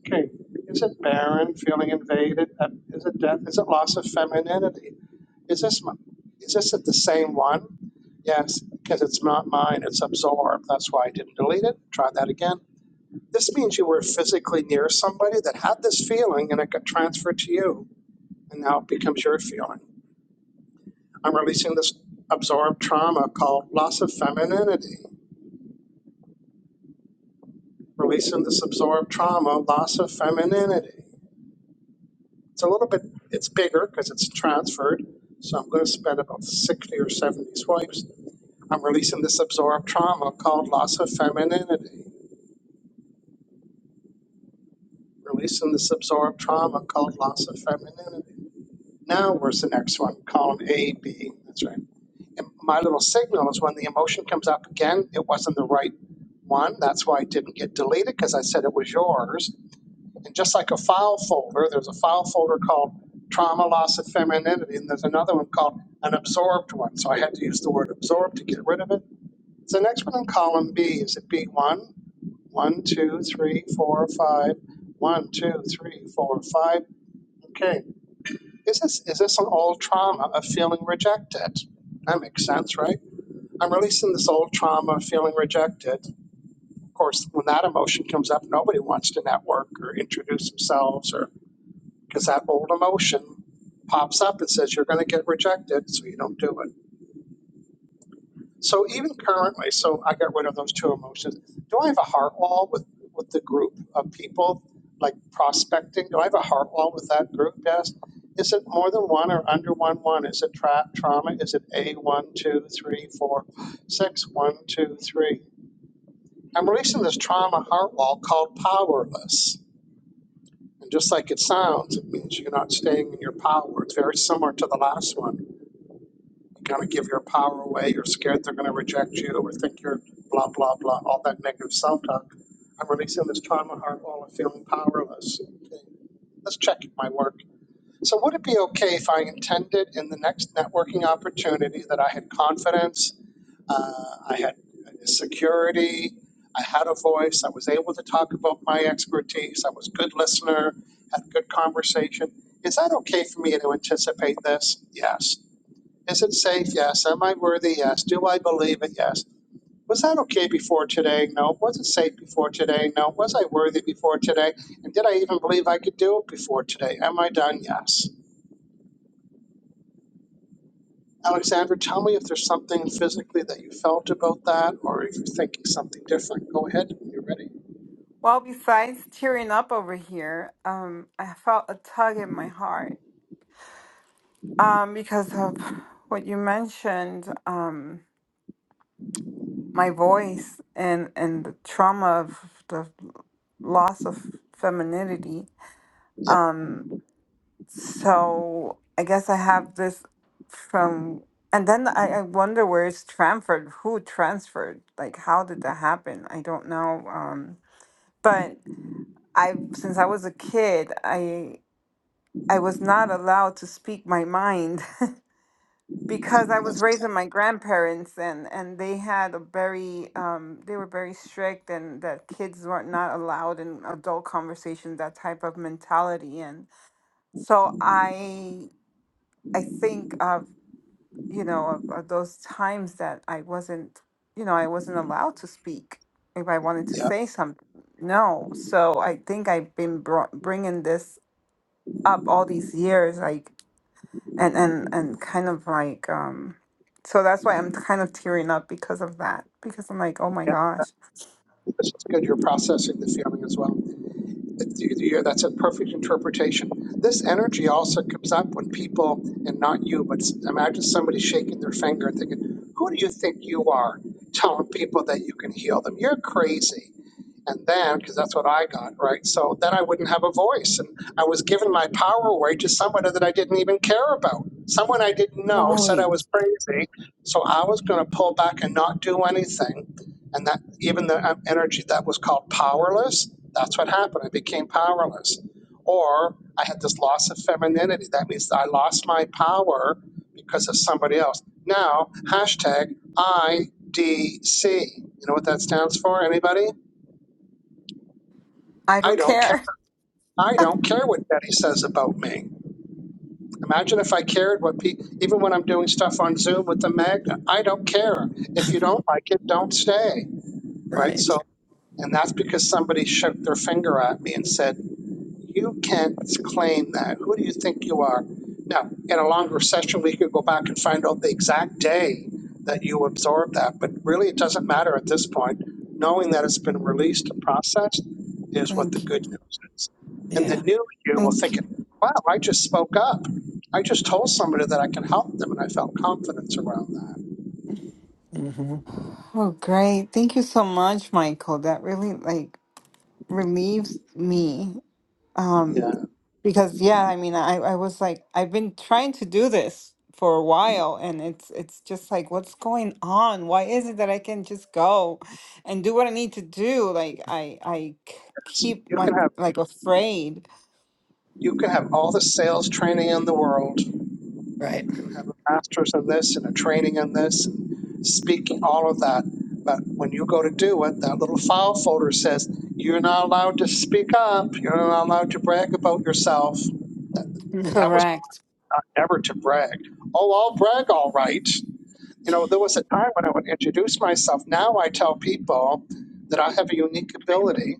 Okay, is it barren, feeling invaded? Uh, Is it death? Is it loss of femininity? Is this my, is this the same one? Yes, because it's not mine. It's absorbed. That's why I didn't delete it. Try that again. This means you were physically near somebody that had this feeling, and it got transferred to you, and now it becomes your feeling. I'm releasing this absorbed trauma called loss of femininity. Releasing this absorbed trauma, loss of femininity. It's a little bit, it's bigger because it's transferred. So I'm going to spend about 60 or 70 swipes. I'm releasing this absorbed trauma called loss of femininity. Releasing this absorbed trauma called loss of femininity. Now, where's the next one? Column A, B. That's right. And my little signal is when the emotion comes up again, it wasn't the right one. That's why it didn't get deleted because I said it was yours And just like a file folder, there's a file folder called trauma, loss of femininity, and there's another one called an absorbed one. So I had to use the word absorbed to get rid of it. So the next one in column B is at B1, 1, One, 2, three, four, five. One, two, three, four, five. Okay. Is this, is this an old trauma of feeling rejected? That makes sense, right? I'm releasing this old trauma of feeling rejected. Of course, when that emotion comes up, nobody wants to network or introduce themselves or because that old emotion pops up and says you're going to get rejected, so you don't do it. So even currently, so I got rid of those two emotions. Do I have a heart wall with with the group of people like prospecting? Do I have a heart wall with that group? Yes. Is it more than one or under one one? Is it tra- trauma? Is it a one two three four six one two three? I'm releasing this trauma heart wall called powerless. And just like it sounds, it means you're not staying in your power. It's very similar to the last one. You kind of give your power away. You're scared they're going to reject you or think you're blah, blah, blah, all that negative self talk. I'm releasing this trauma heart while I'm feeling powerless. Okay. Let's check my work. So, would it be okay if I intended in the next networking opportunity that I had confidence? Uh, I had security. I had a voice. I was able to talk about my expertise. I was a good listener, had good conversation. Is that okay for me to anticipate this? Yes. Is it safe? Yes. Am I worthy? Yes. Do I believe it? Yes. Was that okay before today? No. Was it safe before today? No. Was I worthy before today? And did I even believe I could do it before today? Am I done? Yes. Alexander, tell me if there's something physically that you felt about that, or if you're thinking something different. Go ahead when you're ready.
Well, besides tearing up over here, um, I felt a tug in my heart um, because of what you mentioned. Um, my voice and and the trauma of the loss of femininity
Yeah,
um so i guess i have this from and then i, I wonder where it's transferred who transferred like how did that happen i don't know um but i since i was a kid i i was not allowed to speak my mind
yeah.
because I
Well,
was
that's
raised with
exactly.
my grandparents and and they had a very um they were very strict and that kids were not allowed in adult conversations that type of mentality and so I I think of you know of, of those times that I wasn't you know I wasn't allowed to speak if I wanted to
Yeah,
say something no so I think I've been brought, bringing this up all these years like and and and kind of like um so that's why i'm kind of tearing up because of that because i'm like oh my
yeah.
gosh
That's just good. You're processing the feeling as well. It- you- you- That's a perfect interpretation. This energy also comes up when people, and not you, but s- imagine somebody shaking their finger and thinking, "Who do you think you are, telling people that you can heal them? You're crazy." and then because that's what I got, right? So then I wouldn't have a voice, and I was giving my power away to someone that I didn't even care about. Someone I didn't know said I
Right.
was crazy, so I was going to pull back and not do anything. And that even the um, energy that was called powerless, that's what happened. I became powerless, or I had this loss of femininity. That means I lost my power because of somebody else. Now hashtag IDC. You know what that stands for? Anybody?
i
I
don't
don't care.
care
I don't care what Betty says about me. Imagine if I cared what people, even when I'm doing stuff on Zoom with the magnet, I don't care. If you don't like it, don't stay. Right.
right.
So, and that's because somebody shook their finger at me and said, you can't claim that. Who do you think you are? Now, in a longer session, we could go back and find out the exact day that you absorbed that, but really it doesn't matter at this point. Knowing that it's been
Mm,
released and processed is what the
Thank you.
good news is. And the
Yeah.
new you will
thank
think,
you
wow, I just spoke up. I just told somebody that I can help them and I felt confidence around that.
hmm
oh great thank you so much michael that really like relieves me Um.
Yeah.
Because yeah, I mean, I I was like, I've been trying to do this for a while, and it's it's just like, what's going on? Why is it that I can just go and do what I need to do? Like I I k- keep
You
my
can have
like afraid.
you can have all the sales training in the world.
Right.
You can have a master's in this and a training in this, and speaking, all of that. But when you go to do it, that little file folder says, you're not allowed to speak up. You're not allowed to brag about yourself.
Mm.
That was
Correct.
uh, never to brag. Oh, I'll brag all right. You know, there was a time when I would introduce myself. Now I tell people that I have a unique ability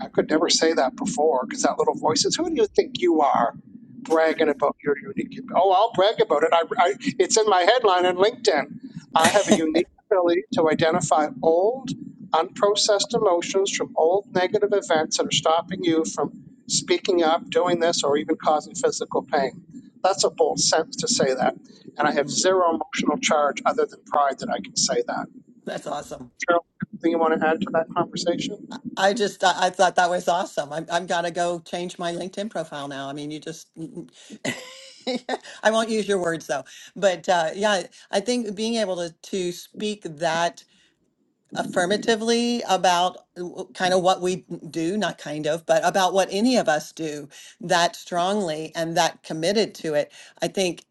I could never say that before because that little voice says, "Who do you think you are, bragging about your unique?" Oh, I'll brag about it. I, I it's in my headline on LinkedIn. I have a unique ability to identify old, unprocessed emotions from old negative events that are stopping you from speaking up, doing this, or even causing physical pain. That's a bold sentence to say that, and I have
Mm.
zero emotional charge other than pride that I can say that.
That's awesome.
Cheryl, anything you want to add to that conversation?
I just I, I thought that was awesome. I'm I'm gonna go change my LinkedIn profile now. I mean, you just I won't use your words though, but uh, yeah, I think being able to to speak that affirmatively about kind of what we do, not kind of, but about what any of us do that strongly and that committed to it, I think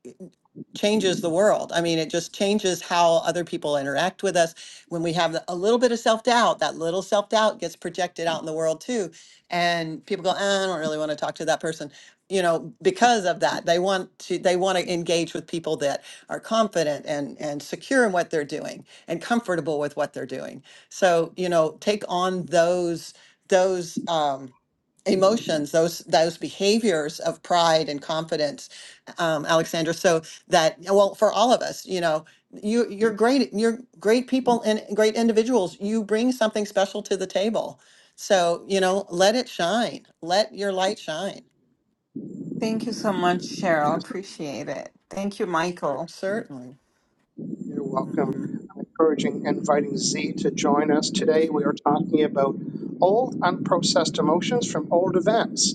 changes the world. I mean, it just changes how other people interact with us. When we have a little bit of self doubt, that little self doubt gets projected out in the world too. And people go, "Uh, I don't really want to talk to that person, you know, because of that. They want to they want to engage with people that are confident and and secure in what they're doing and comfortable with what they're doing. So, you know, take on those those um emotions those those behaviors of pride and confidence um, alexandra So that well for all of us you know you you're great you're great people and great individuals you bring something special to the table so you know let it shine let your light shine
Thank you so much,
Yes.
Cheryl. Appreciate it. Thank you, Michael.
certainly
You're
hmm
welcome. I'm encouraging, and inviting Z to join us today. We are talking about old, unprocessed emotions from old events.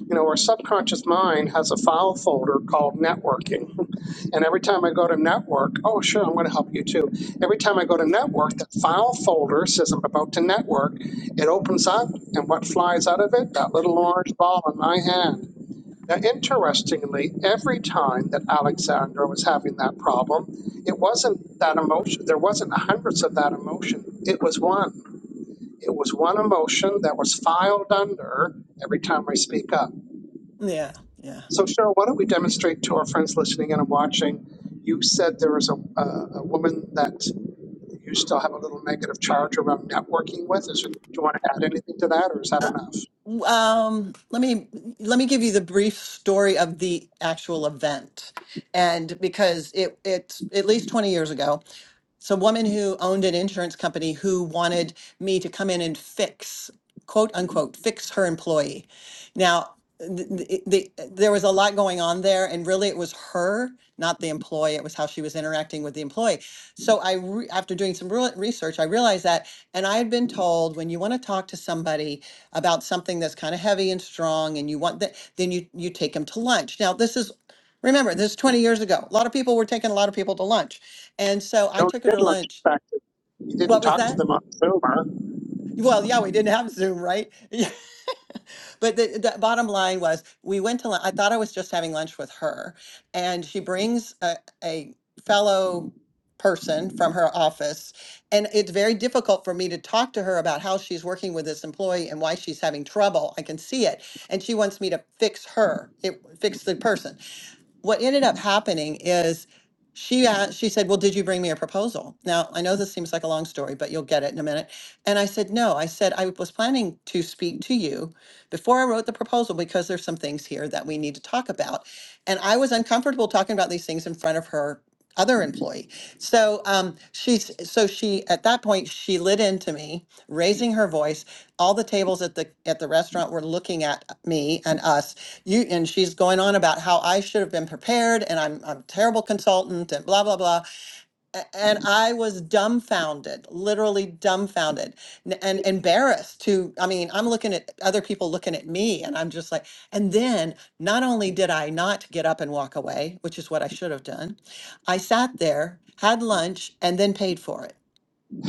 You know, our subconscious mind has a file folder called networking. And every time I go to network, oh, sure, I'm going to help you too. Every time I go to network, that file folder says I'm about to network. It opens up, and what flies out of it? That little orange ball in my hand. Now, interestingly, every time that Alexandra was having that problem, it wasn't that emotion. There wasn't hundreds of that emotion. It was one. It was one emotion that was filed under every time I speak up.
yeah yeah
So, Cheryl, why don't we demonstrate to our friends listening in and watching? You said there was a, a, a woman that you still have a little negative charge around networking with. Is it, do you want to add anything to that, or is that
uh,
enough?
w- um let me let me give you the brief story of the actual event and because it it's at least 20 years ago some woman who owned an insurance company who wanted me to come in and fix quote unquote fix her employee now th- th- the, there was a lot going on there and really it was her not the employee it was how she was interacting with the employee so i re- after doing some real research i realized that and i had been told when you want to talk to somebody about something that's kind of heavy and strong and you want that then you you take them to lunch now this is remember this is 20 years ago a lot of people were taking a lot of people to lunch and so I
No, you
took her
did
to
lunch.
lunch.
In fact, you didn't
What was
talk to
that?
them on Zoom.
Well, yeah, we didn't have Zoom, right? Yeah. But the, the bottom line was we went to lunch. I thought I was just having lunch with her. And she brings a, a fellow person from her office. And it's very difficult for me to talk to her about how she's working with this employee and why she's having trouble. I can see it. And she wants me to fix her, it, fix the person. what ended up happening is she asked, she said, "Well, did you bring me a proposal?" Now, I know this seems like a long story, but you'll get it in a minute. And I said, "No." I said, "I was planning to speak to you before I wrote the proposal because there's some things here that we need to talk about." And I was uncomfortable talking about these things in front of her other employee. So, um she's so she at that point she lit into me, raising her voice. All the tables at the at the restaurant were looking at me and us you and she's going on about how I should have been prepared and I'm I'm a terrible consultant and blah blah blah A- and I was dumbfounded literally dumbfounded n- and embarrassed to I mean I'm looking at other people looking at me and I'm just like and then not only did I not get up and walk away which is what I should have done I sat there had lunch and then paid for it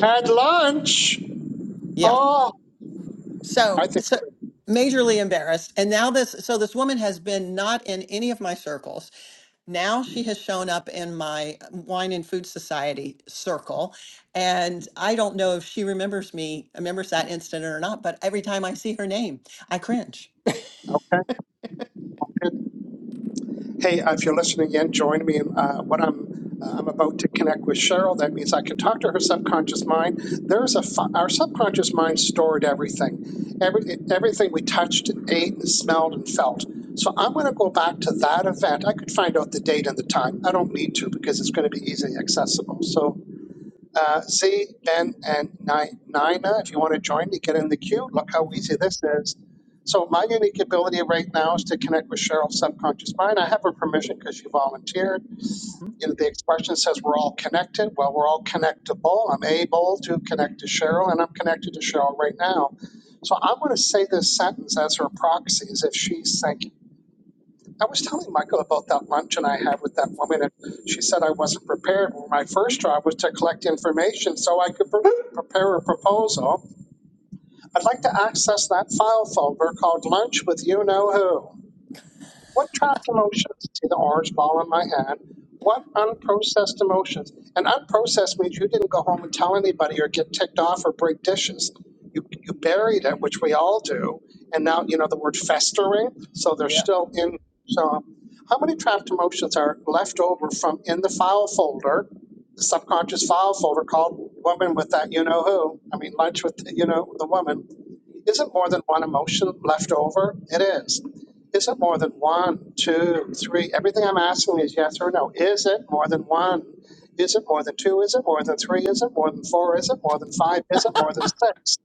Had lunch.
yeah
Oh, I
so
think.
so
we did.
majorly embarrassed and now this so this woman has been not in any of my circles now she has shown up in my um, wine and food society circle and i don't know if she remembers me remembers that incident or not but every time i see her name i cringe
Okay. okay. Hey, uh, if you're listening in, join me in uh, what I'm. Uh, I'm about to connect with Cheryl. That means I can talk to her subconscious mind. There's a fi- our subconscious mind stored everything, every everything we touched and ate and smelled and felt. So I'm going to go back to that event. I could find out the date and the time. I don't need to because it's going to be easily accessible. So Uh, Z, Ben, and Ni- Nina, if you want to join to get in the queue, look how
Mhm.
easy this is. So my unique ability right now is to connect with Cheryl's subconscious mind. I have her permission because she volunteered.
Mhm.
You know, the expression says we're all connected. Well, we're all connectable. I'm able to connect to Cheryl, and I'm connected to Cheryl right now. So I'm going to say this sentence as her proxy, as if she's thinking. I was telling Michael about that luncheon I had with that woman, and she said I wasn't prepared. Well, My first job was to collect information so I could pre- prepare a proposal. I'd like to access that file folder called Lunch with You Know Who. What trapped emotions? See the orange ball in my hand. What unprocessed emotions? And unprocessed means you didn't go home and tell anybody or get ticked off or break dishes. You, you buried it, which we all do. And now, you know, the word festering. So they're
Yeah.
still in. So, how many trapped emotions are left over from in the file folder, the subconscious file folder called Woman with That You Know Who? I mean, Lunch with, you know, the woman isn't more than one emotion left over? It is. Is it more than one, two, three? Everything I'm asking is yes or no. Is it more than one? Is it more than two? Is it more than three? Is it more than four? Is it more than five? Is it more than six?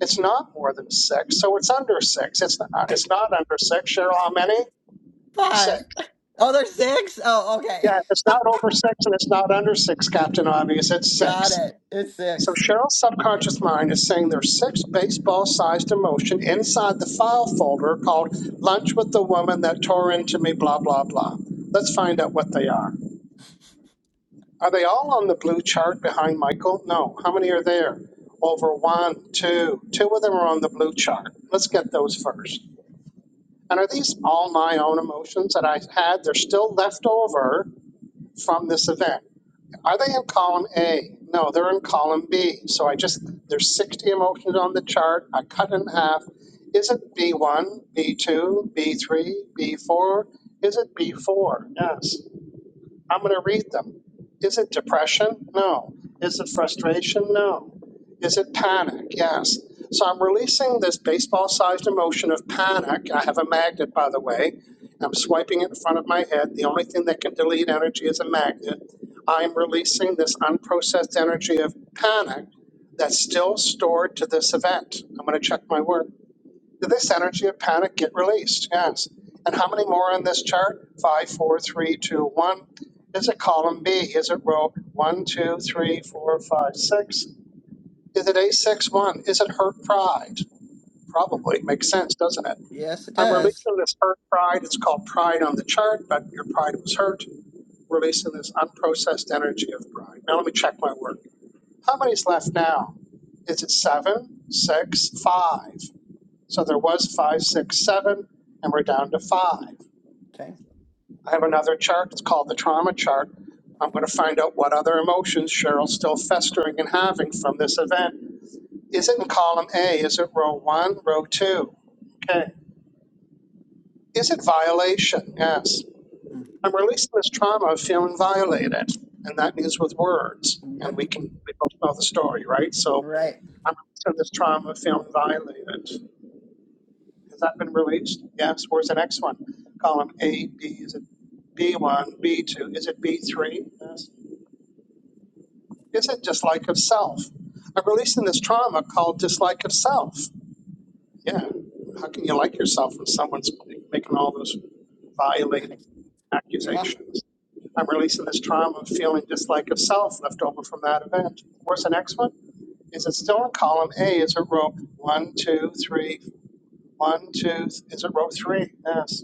It's not more than six, so it's under six. It's not, it's not under six. Cheryl, how many?
Five.
Six.
Oh, there's six? Oh, okay.
Yeah, it's not over six and it's not under six, Captain Obvious. It's
Got
six.
it. It's six.
So Cheryl's subconscious mind is saying there's six baseball-sized emotion inside the file folder called Lunch with the Woman That Tore Into Me, blah, blah, blah. Let's find out what they are. Are they all on the blue chart behind Michael? No. How many are there? Over one, two. Two of them are on the blue chart. Let's get those first. And are these all my own emotions that I had? They're still left over from this event. Are they in column A? No, they're in column B. So I just, there's 60 emotions on the chart. I cut it in half. Is it B1, B2, B3, B4? Is it B4? Yes. I'm going to read them. Is it depression? No. Is it frustration? No. Is it panic? Yes. So I'm releasing this baseball sized emotion of panic. I have a magnet, by the way. I'm swiping it in front of my head. The only thing that can delete energy is a magnet. I'm releasing this unprocessed energy of panic that's still stored to this event. I'm going to check my work. Did this energy of panic get released? Yes. And how many more on this chart? Five, four, three, two, one. Is it column B? Is it row one, two, three, four, five, six? Is it a six one? Is it hurt pride?
Mm.
Probably. Makes sense, doesn't it?
Yes, it
I'm
does.
releasing this hurt pride. It's called pride on the chart, but your pride was hurt. Releasing this unprocessed energy of pride. Now let me check my work. How many's left now? Is it seven, six, five? So there was five, six, seven, and we're down to five.
Okay.
I have another chart. It's called the trauma chart. I'm going to find out what other emotions Cheryl's still festering and having from this event. Is it in column A? Is it row one, row two? Okay. Is it violation? Yes.
Mm.
I'm releasing this trauma of feeling violated, and that means with words. And
Yep.
we can we both know the story, right? So
Right.
I'm releasing this trauma of feeling violated. has not been released. Yes, where's the next one? Column A, B, is it B1, B2, is it B3? Yes. Is it dislike of self? I'm releasing this trauma called dislike of self. Yeah, how can you like yourself when someone's making all those violated
Right. Yeah.
accusations? I'm releasing this trauma of feeling dislike of self left over from that event. Where's the next one? Is it still in column A? Is it row 123 one, two, three? One, two. Is it row three? Yes.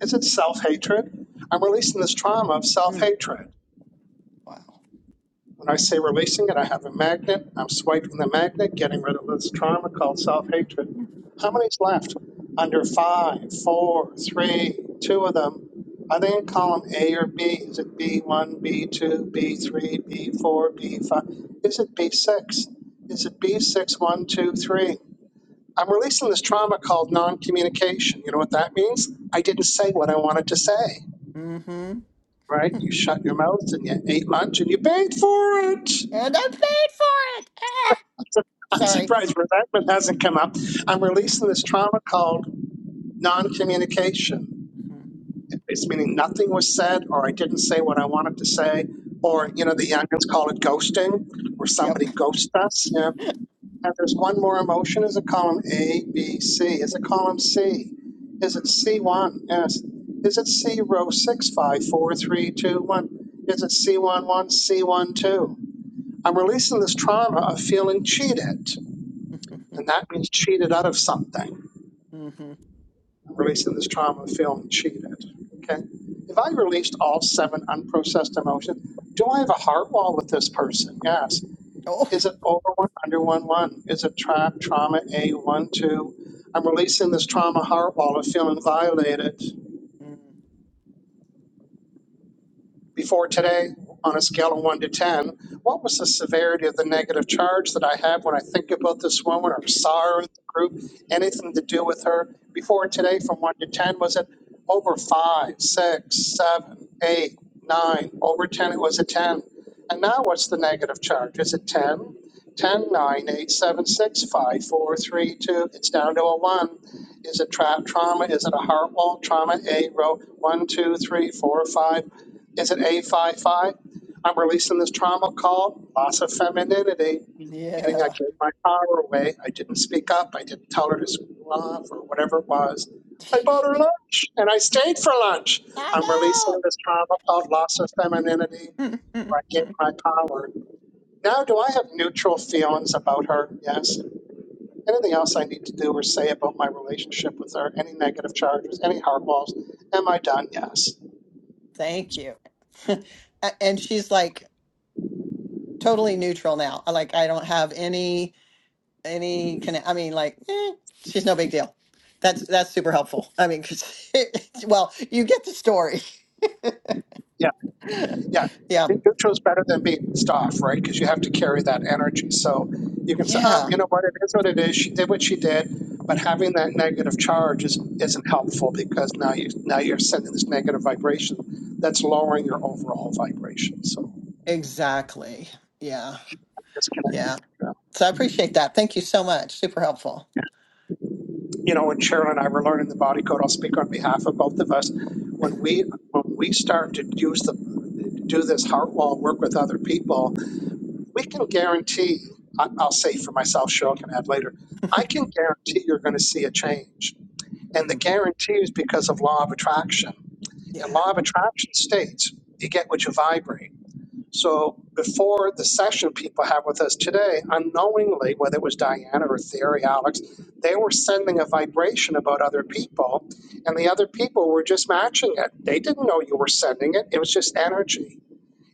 Is it self hatred? I'm releasing this trauma of self
Mm.
hatred.
Wow.
When I say releasing it, I have a magnet. I'm swiping the magnet, getting rid of this trauma called self hatred.
Mm-hmm.
How many's left? Under five, four, three, two of them. Are they in column A or B? Is it B1, B2, B3, B4, B5? Is it B6? Is it B6, 1, two, three? I'm releasing this trauma called non communication. You know what that means? I didn't say what I wanted to say.
Mm-hmm.
right? You shut your mouth and you ate lunch and you paid for it.
And I paid for it. Ah!
I'm su- I'm
Sorry.
surprised resentment hasn't come up. I'm
Yeah.
releasing this trauma called non communication.
hmm
It's meaning nothing was said, or I didn't say what I wanted to say, or,
Right.
you know, the youngins call it ghosting, where
Yep.
somebody ghosts us. Yeah. And there's one more emotion. Is it column A, B, C? Is it column C? Is it C1? Yes. Is it C row six, five, four, three, two, one? Is it c one one, c one two? I'm releasing this trauma of feeling cheated, and that means cheated out of something.
mm-hmm.
I'm releasing this trauma of feeling cheated. Okay. If I released all seven unprocessed emotions, do I have a heart wall with this person? Yes.
Oh.
Is it over one, under one, one? Is it tra- trauma A, one, two? I'm releasing this trauma heart wall of feeling violated.
Mm.
before today on a scale of 1 to 10 what was the severity of the negative charge that i have when i think about this woman or sorrow in the group anything to do with her before today from 1 to 10 was it over 5, 6, 7, 8, 9? over 10 it was a 10 and now what's the negative charge is it 10 ten nine eight seven six five four three two. It's down to a one. Is it trap trauma? Is it a heart wall? Trauma A row one, two, three, four, five. Is it A five five? I'm releasing this trauma called loss of femininity, meaning I
Yeah.
gave my power away. I didn't speak up. I didn't tell her to screw off or whatever it was. I bought her lunch and I stayed for lunch. I'm releasing this trauma called loss of femininity. where I gave my power. Now, do I have neutral feelings about her? Yes. Anything else I need to do or say about my relationship with her? Any negative charges? Any hard walls? Am I done? Yes.
Thank you. A- and she's like totally neutral now. Like I don't have any. any connect. I mean, like, eh, she's no big deal. That's that's super helpful. I mean, 'cause well, you get the story.
Yeah. Yeah.
Yeah,
Neutral is better than being pissed off, right? Because you have to carry that energy. So you can say, oh,
yeah,
you know what? It is what it is. She did what she did. But having that negative charge is, isn't helpful because now you now you're sending this negative vibration that's lowering your overall vibration. So
exactly. Yeah,
disconnected.
yeah.
Yeah.
So I appreciate that. Thank you so much. Super helpful.
you know, and Cheryl and I were learning the body code. I'll speak on behalf of both of us. When we when we start to use the do this heart wall work with other people, we can guarantee. I- I'll say for myself. Cheryl can add later. I can guarantee you're going to see a change, and the
Mhm.
guarantee is because of law of attraction. And
Yeah.
law of attraction states you get what you vibrate. So before the session people have with us today, unknowingly, whether it was Diana or Theory, Alex, they were sending a vibration about other people, and the other people were just matching it. They didn't know you were sending it, it was just energy.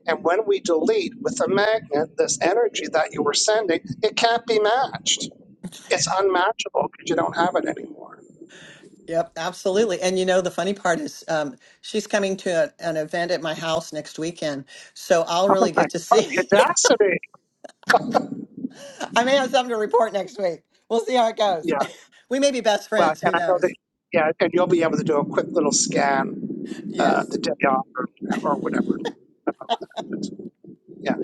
And when we delete with a magnet this energy that you were sending, it can't be matched. It's unmatchable because you don't have it anymore.
Yep, absolutely. And you know, the funny part is um, she's coming to a, an event at my house next weekend. So I'll
Oh
really
my
get to
God,
see.
the audacity!
I may have something to report next week. We'll see how it goes.
Yeah,
We may be best
well,
friends.
and
Who
I know that,
knows?
yeah, and you'll be able to do a quick little scan uh, the
Yes.
day off or, or whatever. about that. But, yeah.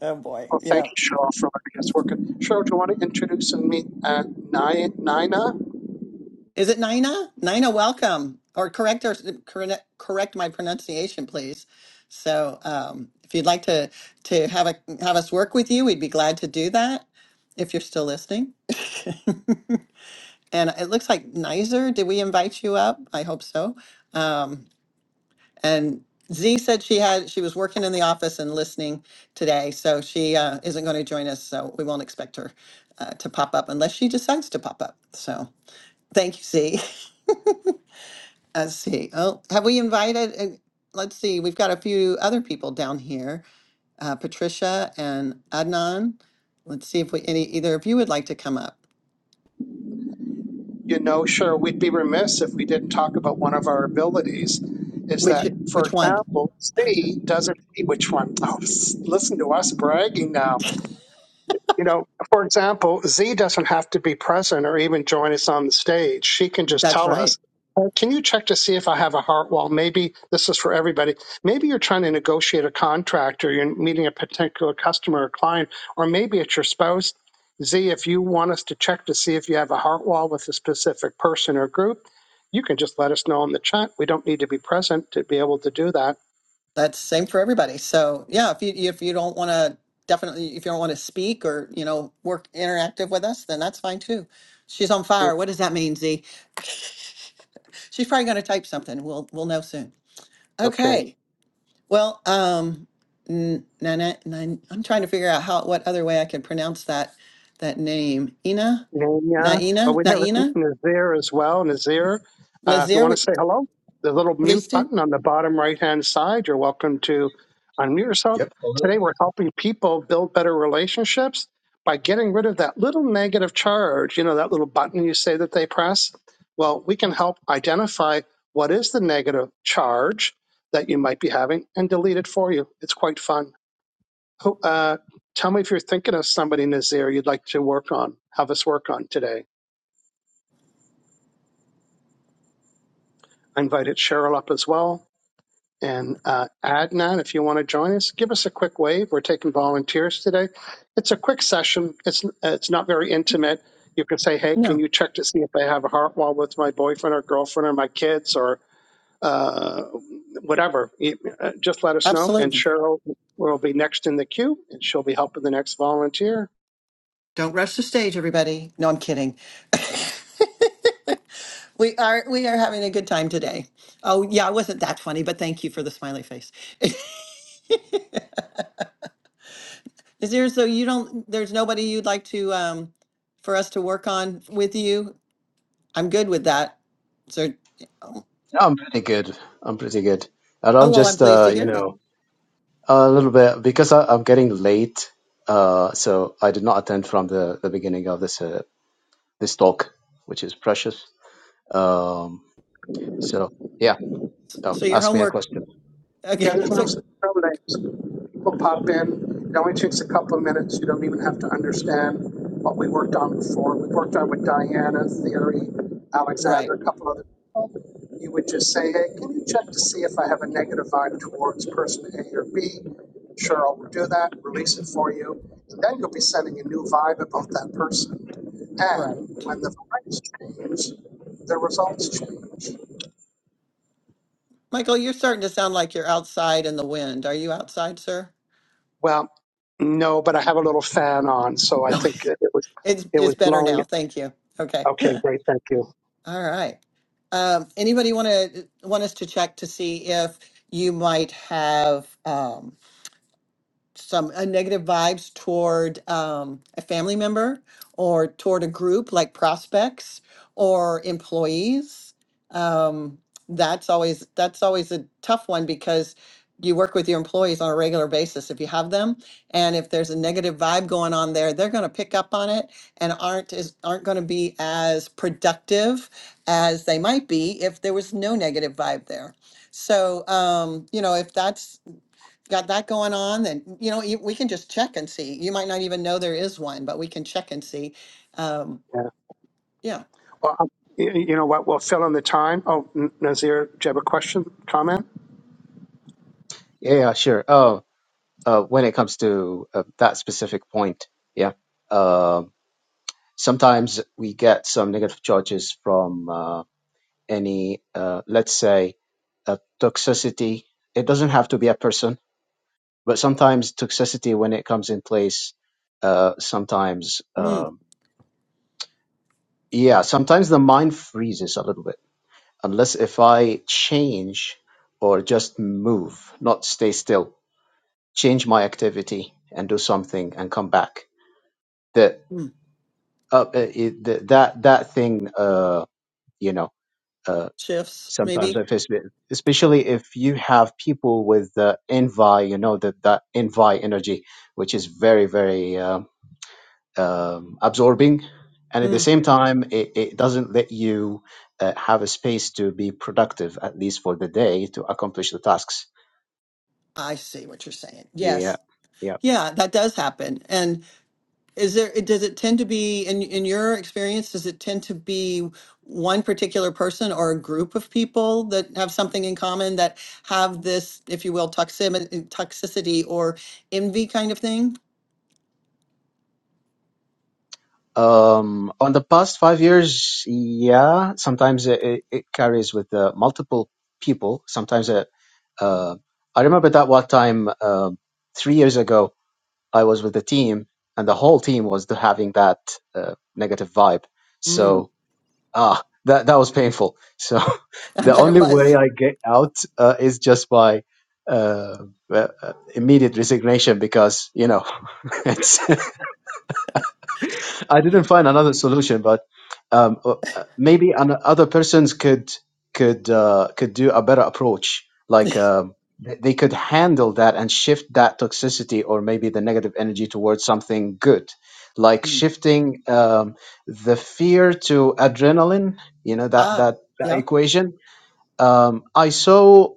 Oh boy.
Well, thank
Yeah.
you, Cheryl, for letting us work. it. Cheryl, do you want to introduce and meet uh, Ni- Nina?
Is it Nina? Nina, welcome. Or correct or correct correct my pronunciation, please. So, um, if you'd like to to have a have us work with you, we'd be glad to do that. If you're still listening, and it looks like Nizer, did we invite you up? I hope so. Um, and Z said she had she was working in the office and listening today, so she uh, isn't going to join us. So we won't expect her uh, to pop up unless she decides to pop up. So thank you, Z. Let's see. Oh, have we invited? uh, Let's see. We've got a few other people down here. Uh, Patricia and Adnan. Let's see if we any either of you would like to come up.
You know, Cheryl, we'd be remiss if we didn't talk about one of our abilities. Is that,
Which
for
which one?
example, C doesn't see which one. Oh, s- listen to us bragging now. you know, for example, Z doesn't have to be present or even join us on the stage. She can just
That's
tell
right.
us, "Uh, can you check to see if I have a heart wall? Maybe this is for everybody. Maybe you're trying to negotiate a contract or you're meeting a particular customer or client, or maybe it's your spouse. Z, if you want us to check to see if you have a heart wall with a specific person or group, you can just let us know in the chat. We don't need to be present to be able to do that.
That's same for everybody. So yeah, if you if you don't want to definitely if you don't want to speak or you know work interactive with us, then that's fine too. She's on fire. What does that mean, Z? She's probably going to type something. We'll we'll know soon.
Okay.
Okay. Well, um, N- Nana, Nan- I'm trying to figure out how, what other way I can pronounce that, that name. Ina,
Nanya. Well,
Naina,
we have
Naina,
Nazir as well. Nazir, uh, if you
Nazir,
want to
would
say hello, the little
these
mute
two?
button on the bottom right hand side, you're welcome to unmute yourself.
Yep. Hello?
Today, we're helping people build better relationships by getting rid of that little negative charge, you know, that little button you say that they press. Well, we can help identify what is the negative charge that you might be having and delete it for you. It's quite fun. Who- Uh, tell me if you're thinking of somebody, Nazir, you'd like to work on, have us work on today. I invited Cheryl up as well. And uh, Adnan, if you want to join us, give us a quick wave. We're taking volunteers today. It's a quick session. It's it's not very intimate. You can say, "Hey, can
No,
you check to see if I have a heart wall with my boyfriend or girlfriend or my kids?" Or uh, whatever, you- uh, just let us know. And
absolutely.
Cheryl will be next in the queue, and she'll be helping the next volunteer.
Don't rush the stage, everybody. No, I'm kidding. We are, we are having a good time today. Oh, yeah, I wasn't that funny, but thank you for the smiley face. Nazir, so you don't, there's nobody you'd like to, um, for us to work on with you? I'm good with that. So, oh,
Yeah, I'm pretty good. I'm pretty good. And
oh,
I'm
well, I'm
just,
pleased to
uh, you
hear that.
know, a little bit because I, I'm getting late. Uh, so I did not attend from the, the beginning of this uh, this talk, which is precious. Um, so yeah,
S-
oh,
So your
ask me a
homework,
question.
Yeah,
okay,
there's
so,
no, no names. we will pop in. It only takes a couple of minutes. You don't even have to understand what we worked on before. We worked on with Diana, Theory,
right,
Alexander, a couple other people. You would just say, hey, can you check to see if I have a negative vibe towards person A or B? Sure, I'll do that, release it for you. And then you'll be sending a new vibe about that person.
right.
And when the vibes change, the results change.
Michael, you're starting to sound like you're outside in the wind. Are you outside, sir?
Well, no, but I have a little fan on, so I
No,
think it it was
it's
it was
it's better
blowing
now. Thank you. Okay.
Okay,
All
great. Thank you.
right. Um, anybody want to want us to check to see if you might have? Um, some uh, negative vibes toward um, a family member or toward a group like prospects or employees um, that's always that's always a tough one because you work with your employees on a regular basis if you have them and if there's a negative vibe going on there they're going to pick up on it and aren't as aren't going to be as productive as they might be if there was no negative vibe there so um, you know if that's got that going on, then, you know, you, we can just check and see. You might not even know there is one, but we can check and see. Um,
Yeah.
yeah.
Well, um, you, you know what? We'll fill in the time. Oh, N- Nazir, do you have a question, comment?
Yeah, yeah, sure. Oh, uh, when it comes to uh, that specific point, yeah. Um sometimes we get some negative charges from uh, any, uh, let's say, a toxicity. It doesn't have to be a person But sometimes toxicity, when it comes in place, uh, sometimes,
Mm,
uh, yeah, sometimes the mind freezes a little bit. Unless if I change or just move, not stay still, change my activity and do something and come back. The,
mm,
uh, uh, it, the, that, that thing, uh, you know, uh,
shifts,
sometimes I
maybe.
face it, especially if you have people with uh, envy, you know, that, that envy energy, which is very, very, um, um, absorbing, and at the
Mm,
same time, it, it doesn't let you uh, have a space to be productive, at least for the day, to accomplish the tasks.
I see what you're saying.
Yeah,
Yes.
yeah.
Yeah, that does happen. And is there, does it tend to be, in, in your experience, does it tend to be one particular person or a group of people that have something in common that have this, if you will, toxim- toxicity or envy kind of thing?
Um, on the past five years, yeah, sometimes it, it it carries with uh, multiple people. Sometimes, uh, uh, I remember that one time uh, three years ago. I was with the team, and the whole team was th- having that uh, negative vibe.
Mm,
So ah, that that was painful. So
I
the
bet it
only way
was.
I get out uh, is just by uh, uh, uh, immediate resignation because you know it's I didn't find another solution, but um, uh, uh, maybe an, other persons could could uh, could do a better approach. Like um, th- they could handle that and shift that toxicity or maybe the negative energy towards something good, like
Mm.
shifting um, the fear to adrenaline. You know that
Ah,
that, that
yeah.
equation. Um, I saw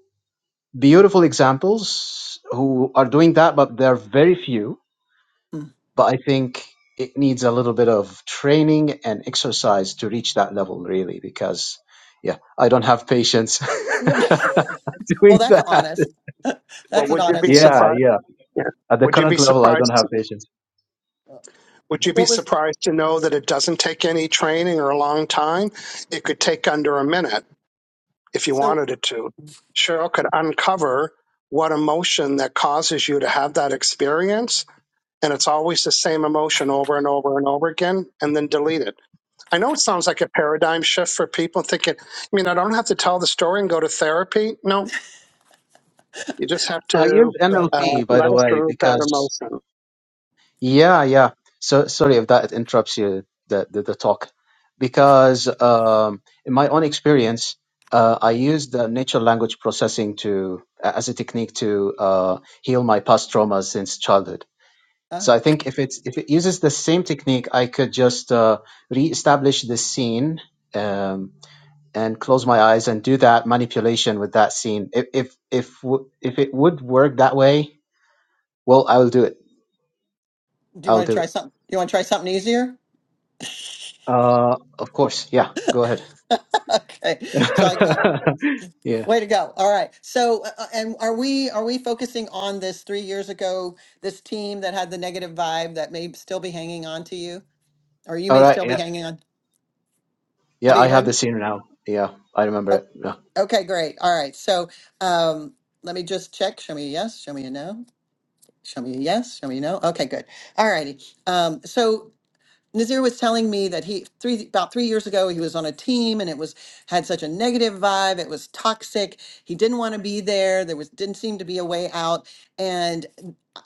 beautiful examples who are doing that, but they're very few
Mm.
but I think it needs a little bit of training and exercise to reach that level, really, because yeah, I don't have patience
you Well,
doing
that's
that.
honest.
Well,
That's an
would you be
honest
Yeah,
answer.
surprised?
yeah.
Yeah.
At the
Would you be
current level, I don't
surprised?
have patience.
Would you be
What was
surprised to know that it doesn't take any training or a long time? It could take under a minute if you
so
wanted it to. Cheryl could uncover what emotion that causes you to have that experience, and it's always the same emotion over and over and over again, and then delete it I know it sounds like a paradigm shift for people thinking, I mean, I don't have to tell the story and go to therapy. No, you just have
I
to
use
right?
uh,
NLP, by
let
the
us
way,
through that
because
emotion.
yeah, yeah. So sorry if that interrupts you the the, the talk, because um, in my own experience, uh, I used the natural language processing to as a technique to uh, heal my past traumas since childhood So
Ah,
I think if it's if it uses the same technique, I could just uh, reestablish the scene um, and close my eyes and do that manipulation with that scene. If if if w- if it would work that way, well, I will do it.
do you
I'll
want to
do
try
it.
something? Do you want to try something easier?
Uh, of course. Yeah. Go ahead.
okay. So I uh,
yeah.
way to go. All right. So uh, uh, and are we are we focusing on this three years ago? This team that had the negative vibe that may still be hanging on to you, or you
All
may
right.
still be
Yeah.
hanging on. I
Yeah.
beg
I
your
have
pardon.
the scene now. Yeah. I remember
Oh,
it. Yeah.
okay. Great. All right. So um, let me just check. Show me a yes. Show me a no. Show me a yes. Show me a no. Okay, good. All righty. Um, so Nazir was telling me that he three about three years ago he was on a team and it was had such a negative vibe. It was toxic. He didn't want to be there. There was didn't seem to be a way out, and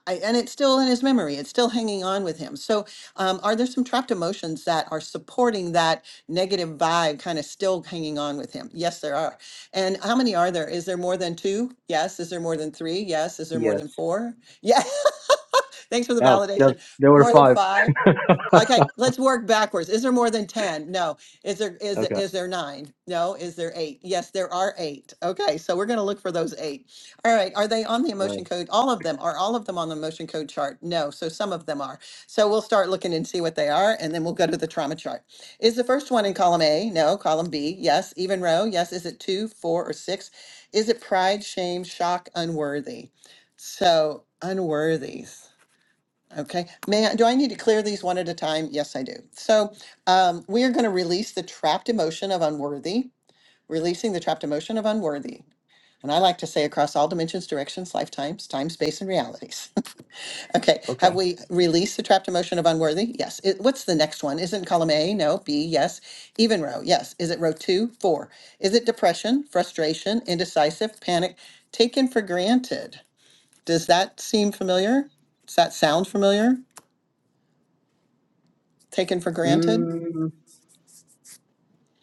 I, and it's still in his memory. It's still hanging on with him. So, um, are there some trapped emotions that are supporting that negative vibe, kind of still hanging on with him? Yes, there are. And how many are there? Is there more than two? Yes. Is there more than three? Yes. Is there more
Yes.
than four? Yeah. Thanks for the
Oh, there,
validation.
there were
More than
five.
five? Okay, let's work backwards. Is there more than 10? No. Is there, is, there-
Okay.
is there nine? No. Is there eight? Yes, there are eight. Okay, so we're going to look for those eight. All right, are they on the
Uh,
emotion code? All of them, are all of them on the emotion code chart? No, so some of them are. So we'll start looking and see what they are, and then we'll go to the trauma chart. Is the first one in column A? No. Column B? Yes. Even row? Yes. Is it two, four, or six? Is it pride, shame, shock, unworthy? So unworthy. Okay, may I, do I need to clear these one at a time? Yes, I do. So um, we are going to release the trapped emotion of unworthy, releasing the trapped emotion of unworthy. And I like to say across all dimensions, directions, lifetimes, time, space, and realities. okay, have
okay.
we released the trapped emotion of unworthy? Yes. It, what's the next one? Isn't column A? No. B? Yes. Even row? Yes. Is it row two? Four. Is it depression, frustration, indecisive, panic, taken for granted? Does that seem familiar? Does that sound familiar? taken for granted.
Mm,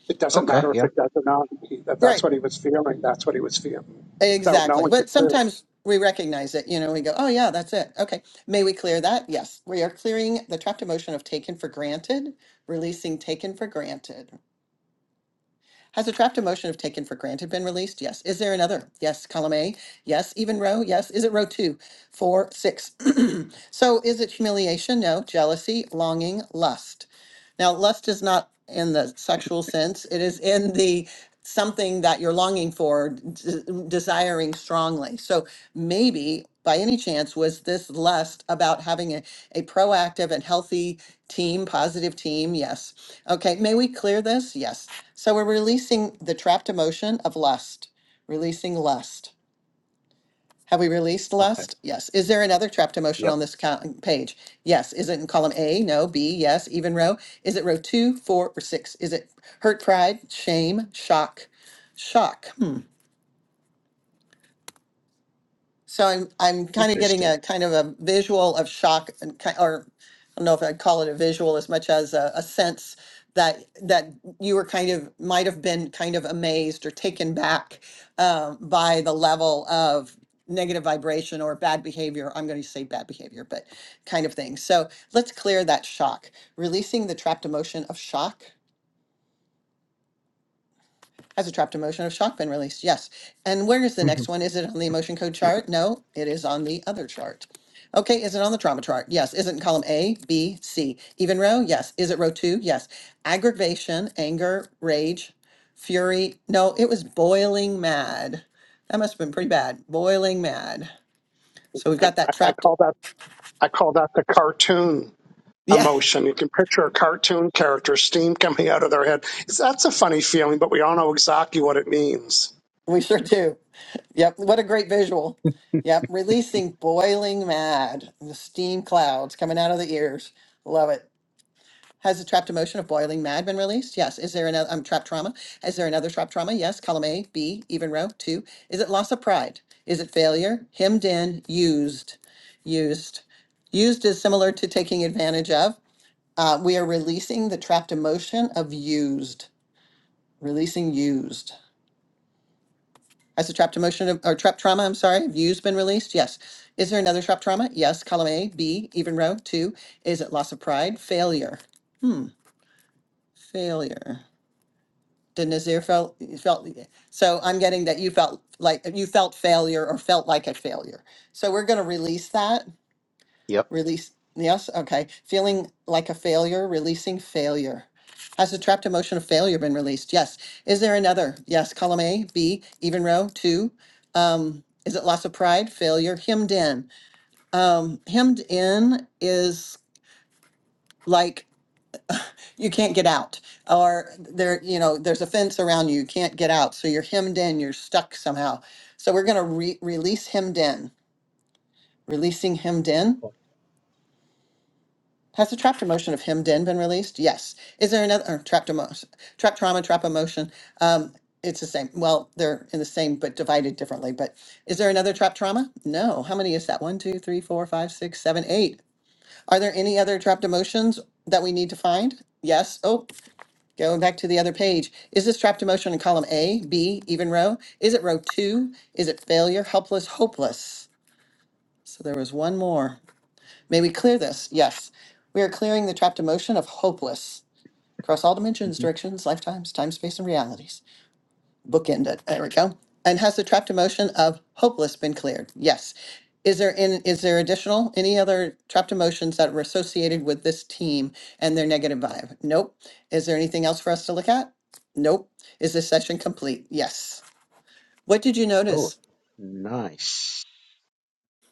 It doesn't
okay.
matter if
Yeah.
it does or not. He, that that's
Right.
what he was feeling, that's what he was feeling without
Exactly.
knowing it.
But
Too.
sometimes we recognize it, you know, we go, oh, yeah, that's it. Okay. May we clear that? Yes. We are clearing the trapped emotion of taken for granted, releasing taken for granted. Has a draft emotion of taken for granted been released? Yes. Is there another? Yes. Column A? Yes. Even row? Yes. Is it row two, four, six? so is it humiliation? No. Jealousy, longing, lust. Now, lust is not in the sexual sense, it is in the something that you're longing for, d- desiring strongly. So maybe by any chance was this lust about having a, a proactive and healthy team, positive team? Yes. Okay, may we clear this? Yes. So we're releasing the trapped emotion of lust, releasing lust. Have we released
Okay.
lust? Yes. Is there another trapped emotion
Yep.
on this co- page? Yes. Is it in column A? No. B? Yes. Even row? Is it row two, four, or six? Is it hurt, pride, shame, shock? Shock. Hmm. So I'm, I'm kind of getting
Interesting.
a kind of a visual of shock and ki- or I don't know if I'd call it a visual as much as a, a sense that, that you were kind of, might have been kind of amazed or taken back um, by the level of negative vibration or bad behavior. I'm going to say bad behavior, but kind of thing. So let's clear that shock, releasing the trapped emotion of shock has a trapped emotion of shock been released? Yes. And where is the next one? Is it on the emotion code chart? No, it is on the other chart. Okay, is it on the trauma chart? Yes. Is it in column A, B, C? Even row? Yes. Is it row two? Yes. Aggravation, anger, rage, fury. No, it was boiling mad. That must have been pretty bad. Boiling mad. So we've
I,
got
I
that
I
trapped.
call that I call that the cartoon
Yeah.
emotion. You can picture a cartoon character, steam coming out of their head. It's, that's a funny feeling, but we all know exactly what it means.
We sure do. Yep. What a great visual. Yep. Releasing boiling mad, the steam clouds coming out of the ears. Love it. Has the trapped emotion of boiling mad been released? Yes. Is there another um, trapped trauma? Is there another trapped trauma? Yes. Column A, B, even row two. Is it loss of pride? Is it failure? Hemmed in, used, used, used is similar to taking advantage of. Uh, we are releasing the trapped emotion of used, releasing used. Has the trapped emotion of, or trapped trauma, I'm sorry, of use been released? Yes. Is there another trapped trauma? Yes. Column A, B, even row. Two, is it loss of pride? Failure. Hmm. Failure. Did Nazir felt felt so I'm getting that you felt like you felt failure or felt like a failure. So we're gonna release that
Yep.
Release, yes, okay. Feeling like a failure, releasing failure. Has the trapped emotion of failure been released? Yes. Is there another? Yes. Column A, B, even row, two. Um, is it loss of pride, failure, hemmed in? Um, hemmed in is like you can't get out, or there, you know, there's a fence around you, you can't get out. So you're hemmed in, you're stuck somehow. So we're going to re- release hemmed in, releasing hemmed in. Has the trapped emotion of him den been released? Yes. Is there another or trapped emotion, trapped trauma, trap emotion? Um, it's the same. Well, they're in the same, but divided differently. But is there another trapped trauma? No. How many is that? One, two, three, four, five, six, seven, eight. Are there any other trapped emotions that we need to find? Yes. Oh, going back to the other page. Is this trapped emotion in column A, B, even row? Is it row two? Is it failure, helpless, hopeless? So there was one more. May we clear this? Yes. We are clearing the trapped emotion of hopeless across all dimensions,
hmm
directions, lifetimes, time, space, and realities. Bookend it. There we go. And has the trapped emotion of hopeless been cleared? Yes. Is there in is there additional any other trapped emotions that were associated with this team and their negative vibe? Nope. Is there anything else for us to look at? Nope. Is this session complete? Yes. What did you
Oh,
notice?
nice,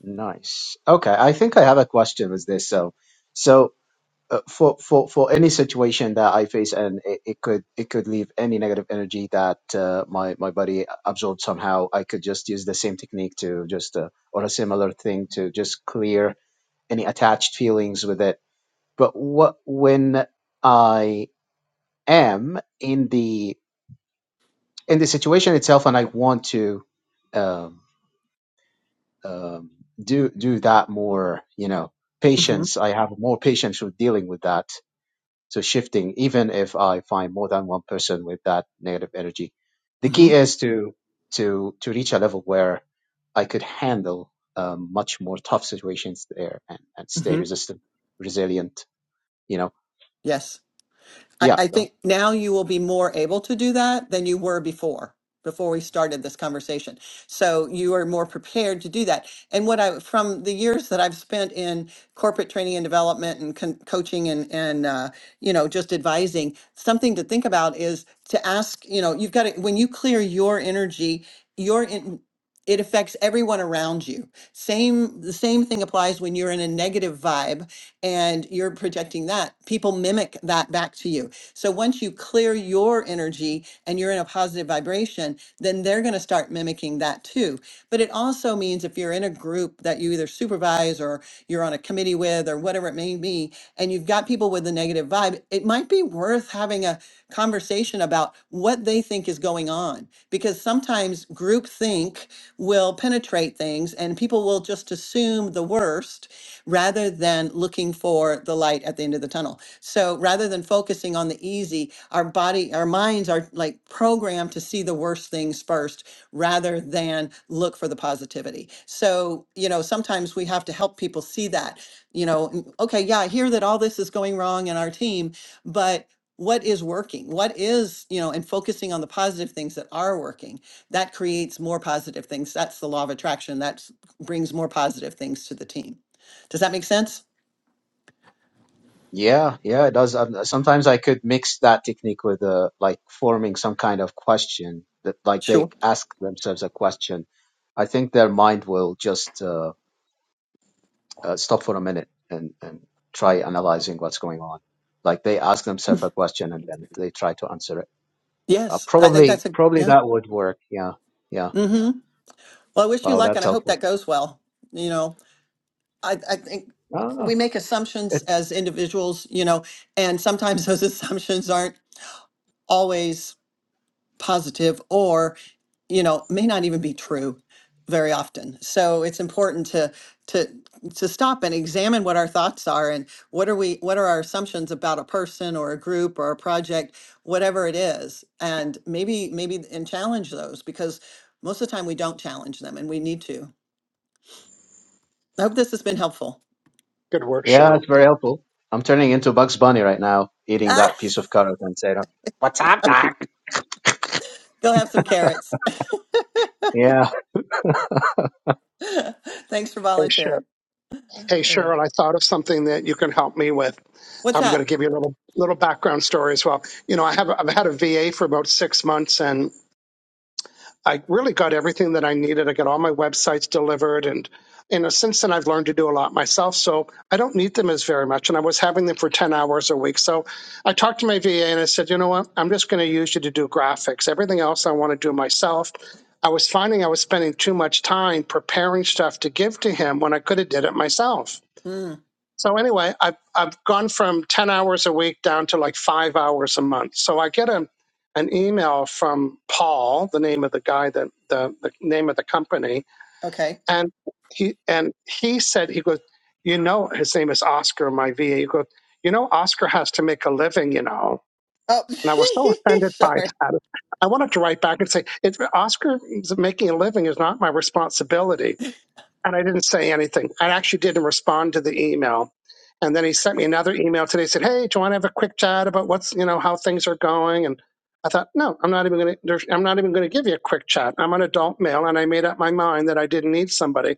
nice. Okay, I think I have a question with this. So, so uh, for for for any situation that I face, and it, it could it could leave any negative energy that uh, my my body absorbed somehow. I could just use the same technique to just uh, or a similar thing to just clear any attached feelings with it. But what when I am in the in the situation itself, and I want to. Um, um, do do that more. You know,
hmm
patience. I have more patience with dealing with that. So shifting, even if I find more than one person with that negative energy, the
hmm
key is to to to reach a level where I could handle um, much more tough situations there and, and stay
hmm
resistant, resilient. You know,
Yes. I,
yeah.
I
no,
think now you will be more able to do that than you were before, before we started this conversation. So you are more prepared to do that. And what I, from the years that I've spent in corporate training and development and con- coaching and, and, uh, you know, just advising, something to think about is to ask, you know, you've got to, when you clear your energy, your, in, it affects everyone around you. Same, the same thing applies when you're in a negative vibe and you're projecting that. People mimic that back to you so once you clear your energy and you're in a positive vibration, then they're going to start mimicking that too. But it also means if you're in a group that you either supervise or you're on a committee with or whatever it may be, and you've got people with a negative vibe, it might be worth having a conversation about what they think is going on because sometimes group think will penetrate things and people will just assume the worst rather than looking for the light at the end of the tunnel. So rather than focusing on the easy, our body, our minds are like programmed to see the worst things first rather than look for the positivity. So, you know, sometimes we have to help people see that, you know, "Mm, okay, yeah, I hear that all this is going wrong in our team, but what is working? What is, you know, and focusing on the positive things that are working, that creates more positive things. That's the law of attraction. That brings more positive things to the team. Does that make sense?
Yeah, yeah, it does. Um, sometimes I could mix that technique with uh, like forming some kind of question that like they
Sure.
ask themselves a question. I think their mind will just uh, uh, stop for a minute and, and try analyzing what's going on. Like they ask themselves a question and then they try to answer it. Uh,
Yes. I think
probably,
that's a,
probably
yeah.
that would work. Yeah, yeah.
Mm-hmm. Well, I wish you
Wow,
luck,
that's
and I hope that
helpful.
goes well. You know, I, I think
Ah,
we make
it,
assumptions as individuals, you know, and sometimes those assumptions aren't always positive or, you know, may not even be true very often. So it's important to to to stop and examine what our thoughts are and what are we what are our assumptions about a person or a group or a project, whatever it is. And maybe maybe and challenge those because most of the time we don't challenge them and we need to I hope this has been helpful.
Good work,
yeah,
Cheryl.
it's very helpful. I'm turning into Bugs Bunny right now, eating
Ah,
that piece of carrot and saying, "What's up, Doc?"
go have some carrots.
Yeah.
Thanks for
Hey, Cheryl.
volunteering.
Hey,
Sure.
Cheryl, I thought of something that you can help me with.
What's
I'm going
that?
to give you a little little background story as well. You know, I have I've had a VA for about six months, and. I really got everything that I needed. I got all my websites delivered, and you know, since then I've learned to do a lot myself, so I don't need them as very much. And I was having them for ten hours a week, so I talked to my VA and I said, you know what, I'm just going to use you to do graphics. Everything else I want to do myself. I was finding I was spending too much time preparing stuff to give to him when I could have did it myself.
Mm,
So anyway, I've I've gone from ten hours a week down to like five hours a month. So I get a an email from Paul, the name of the guy that the, the name of the company,
okay.
and he and he said he goes, you know, his name is Oscar, my VA. He goes, you know, Oscar has to make a living, you know.
Oh,
And I was so offended by
sorry.
that. I wanted to write back and say, it, Oscar making a living is not my responsibility and I didn't say anything. I actually didn't respond to the email. And then he sent me another email today. Said, "Hey, do you want to have a quick chat about what's you know how things are going?" And I thought, no, I'm not even going to. I'm not even going to give you a quick chat. I'm an adult male, and I made up my mind that I didn't need somebody.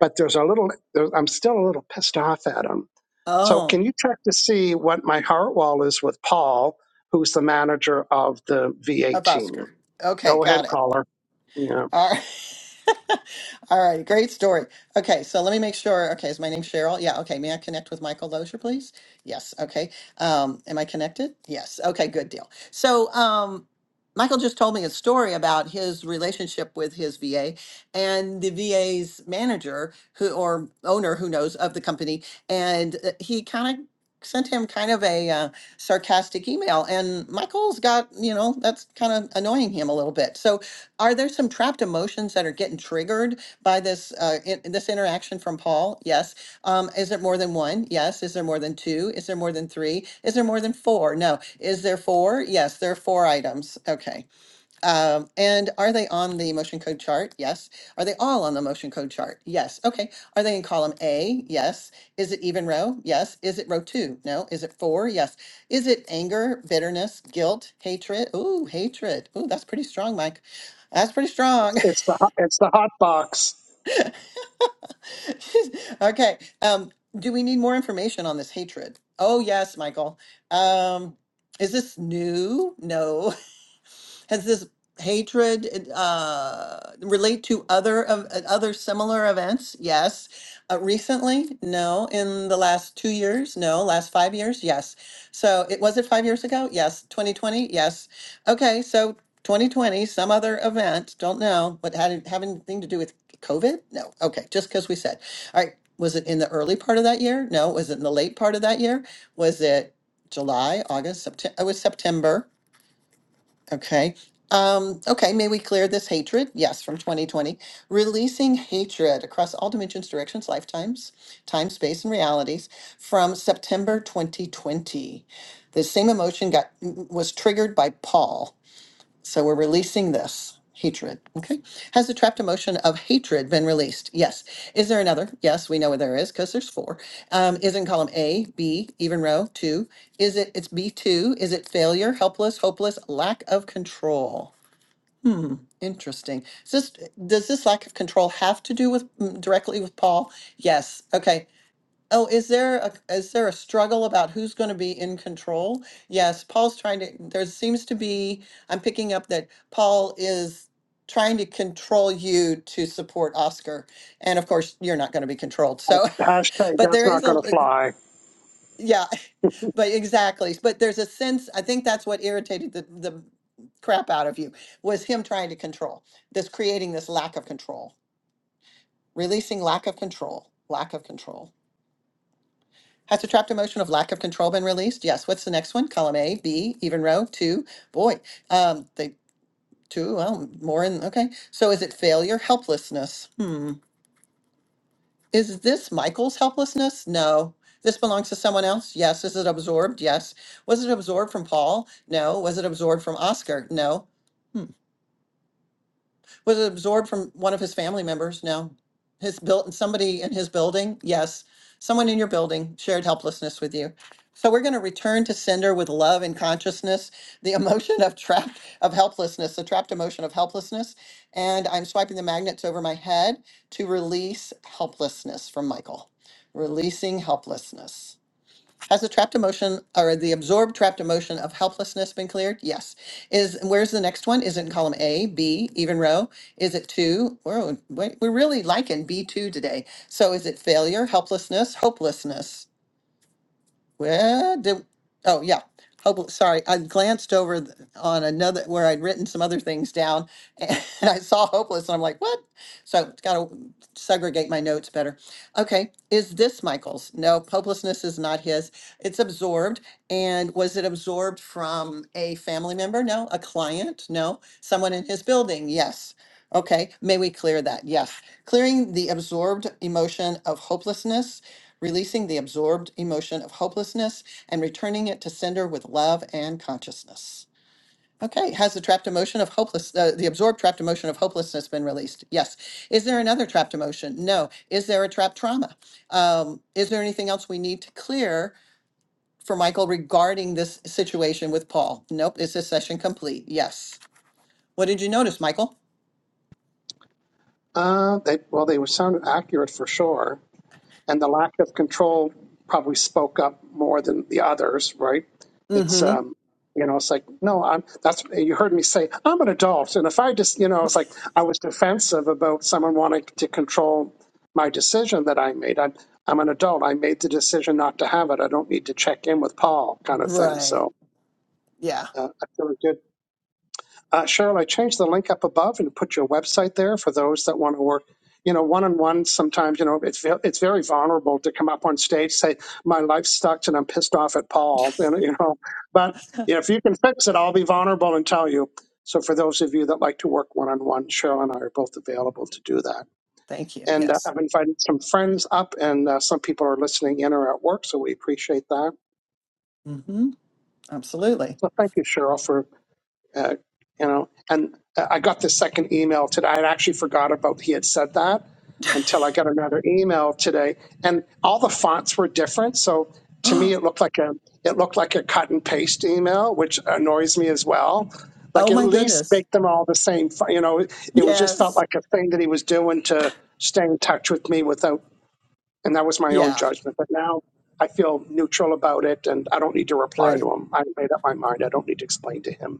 But there's a little. There, I'm still a little pissed off at him. So
Oh,
can you check to see what my heart wall is with Paul, who's the manager of the VA
a busker.
team?
Okay,
Go ahead,
got it.
caller. Yeah.
All right. All right, great story. Okay, so let me make sure. Okay, is my name Cheryl? Yeah, okay. May I connect with Michael Lozier, please? Yes, okay. Um, am I connected? Yes, okay, good deal. So, um, Michael just told me a story about his relationship with his VA and the VA's manager who or owner who knows of the company, and uh, he kind of sent him kind of a uh, sarcastic email and michael's got you know that's kind of annoying him a little bit so are there some trapped emotions that are getting triggered by this uh, in, this interaction from Paul? Yes. Um, is there more than one? Yes. Is there more than two? Is there more than three? Is there more than four? No. Is there four? Yes, there are four items. Okay. Um, and are they on the motion code chart? Yes. Are they all on the motion code chart? Yes. Okay. Are they in column A? Yes. Is it even row? Yes. Is it row two? No. Is it four? Yes. Is it anger, bitterness, guilt, hatred? Ooh, hatred. Ooh, that's pretty strong, Mike. That's pretty strong.
It's the hot- it's the hot box
okay. Um, do we need more information on this hatred? Oh, yes, Michael. Um, is this new? No. Has this hatred uh, relate to other of uh, other similar events? Yes. Uh, recently? No. In the last two years? No. Last five years? Yes. So it was it five years ago? Yes. 2020? Yes. Okay. So 2020, some other event. Don't know. What had it have anything to do with COVID? No. Okay. Just because we said. All right. Was it in the early part of that year? No. Was it in the late part of that year? Was it July, August, September? It was September. Okay. Um, okay, may we clear this hatred? Yes, from 2020. Releasing hatred across all dimensions, directions, lifetimes, time, space, and realities from September 2020. The same emotion got was triggered by Paul so we're releasing this hatred. Okay. Has the trapped emotion of hatred been released? Yes. Is there another? Yes, we know where there is because there's four. Um, is in column A, B, even row, two. Is it, it's B2. Is it failure, helpless, hopeless, lack of control? Hmm. Interesting. Is this, does this lack of control have to do with mm, directly with Paul? Yes. Okay. Oh, is there a is there a struggle about who's going to be in control? Yes, Paul's trying to, there seems to be, I'm picking up that Paul is trying to control you to support Oscar. And of course, you're not going to be controlled. So,
hashtag.
but
That's
there
not
is a,
going to fly.
yeah, but exactly. But there's a sense, I think that's what irritated the the crap out of you was him trying to control, this creating this lack of control, releasing lack of control, lack of control. Has the trapped emotion of lack of control been released? Yes. What's the next one? Column A, B, even row, two. Boy, um, they two. Well, more in. Okay. So is it failure, helplessness? Hmm. Is this Michael's helplessness? No. This belongs to someone else? Yes. Is it absorbed? Yes. Was it absorbed from Paul? No. Was it absorbed from Oscar? No. Hmm. Was it absorbed from one of his family members? No. His built somebody in his building? Yes. Someone in your building shared helplessness with you. So we're going to return to sender with love and consciousness, the emotion of trapped of helplessness, the trapped emotion of helplessness. And I'm swiping the magnets over my head to release helplessness from Michael. Releasing helplessness. Has the trapped emotion or the absorbed trapped emotion of helplessness been cleared? Yes. Is where's the next one? Is it in column A, B, even row? Is it two? Whoa, wait, we're really liking B2 today. So is it failure, helplessness, hopelessness? Well, did, oh yeah. Hope, sorry, I glanced over th- on another where I'd written some other things down and I saw hopeless and I'm like, what? So gotta segregate my notes better. Okay, is this Michael's? No, hopelessness is not his. It's absorbed. And was it absorbed from a family member? No. A client? No. Someone in his building? Yes. Okay, may we clear that? Yes. Clearing the absorbed emotion of hopelessness releasing the absorbed emotion of hopelessness and returning it to sender with love and consciousness. Okay, has the trapped emotion of hopeless, uh, the absorbed trapped emotion of hopelessness been released? Yes. Is there another trapped emotion? No. Is there a trapped trauma? Um, is there anything else we need to clear for Michael regarding this situation with Paul? Nope. Is this session complete? Yes. What did you notice, Michael?
Uh, they well, they sounded accurate for sure. and the lack of control probably spoke up more than the others, right? It's
Mm-hmm.
um, you know, it's like no, I'm. That's you heard me say I'm an adult, and if I just, you know, it's like I was defensive about someone wanting to control my decision that I made. I'm I'm an adult. I made the decision not to have it. I don't need to check in with Paul, kind of thing.
Right.
So
Yeah.
uh, I feel good uh, Cheryl, I changed the link up above and put your website there for those that want to work. You know, one on one, sometimes, you know, it's ve- it's very vulnerable to come up on stage, say, my life sucks and I'm pissed off at Paul, you know, you know. but if you can fix it, I'll be vulnerable and tell you. So for those of you that like to work one on one, Cheryl and I are both available to do that.
Thank you.
And uh,
Yes.
I've invited some friends up and uh, some people are listening in or at work, so we appreciate that.
Mm-hmm. Absolutely.
So thank you, Cheryl, for uh, you know, and I got this second email today. I actually forgot about he had said that until I got another email today, and all the fonts were different. So to me, it looked like a it looked like a cut and paste email, which annoys me as well. Like
Oh
at
my
least
goodness.
make them all the same. fo- You know, it was just felt
Yes.
like a thing that he was doing to stay in touch with me without, and that was my own
Yeah.
judgment. But now I feel neutral about it, and I don't need to reply
Great.
to him. I made up my mind. I don't need to explain to him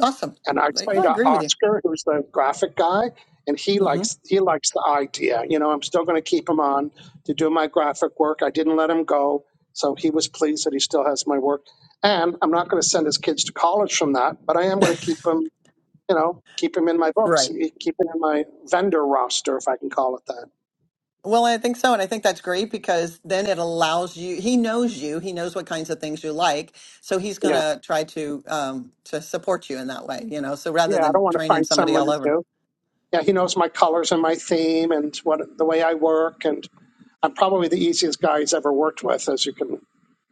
Awesome.
and I
Like,
explained
I
to
agree with you.
Oscar, who's the graphic guy, and he
hmm
likes he likes the idea. You know, I'm still going to keep him on to do my graphic work. I didn't let him go, so he was pleased that he still has my work. And I'm not going to send his kids to college from that, but I am going to keep him. You know, keep him in my books,
Right.
keep him in my vendor roster, if I can call it that.
Well, I think so. And I think that's great because then it allows you, he knows you, he knows what kinds of things you like. So he's going
Yeah,
to try to, um, to support you in that way, you know, so rather
yeah. I don't
than
want to find
training somebody
someone
all over.
new. Yeah, he knows my colors and my theme and what the way I work and I'm probably the easiest guy he's ever worked with, as you can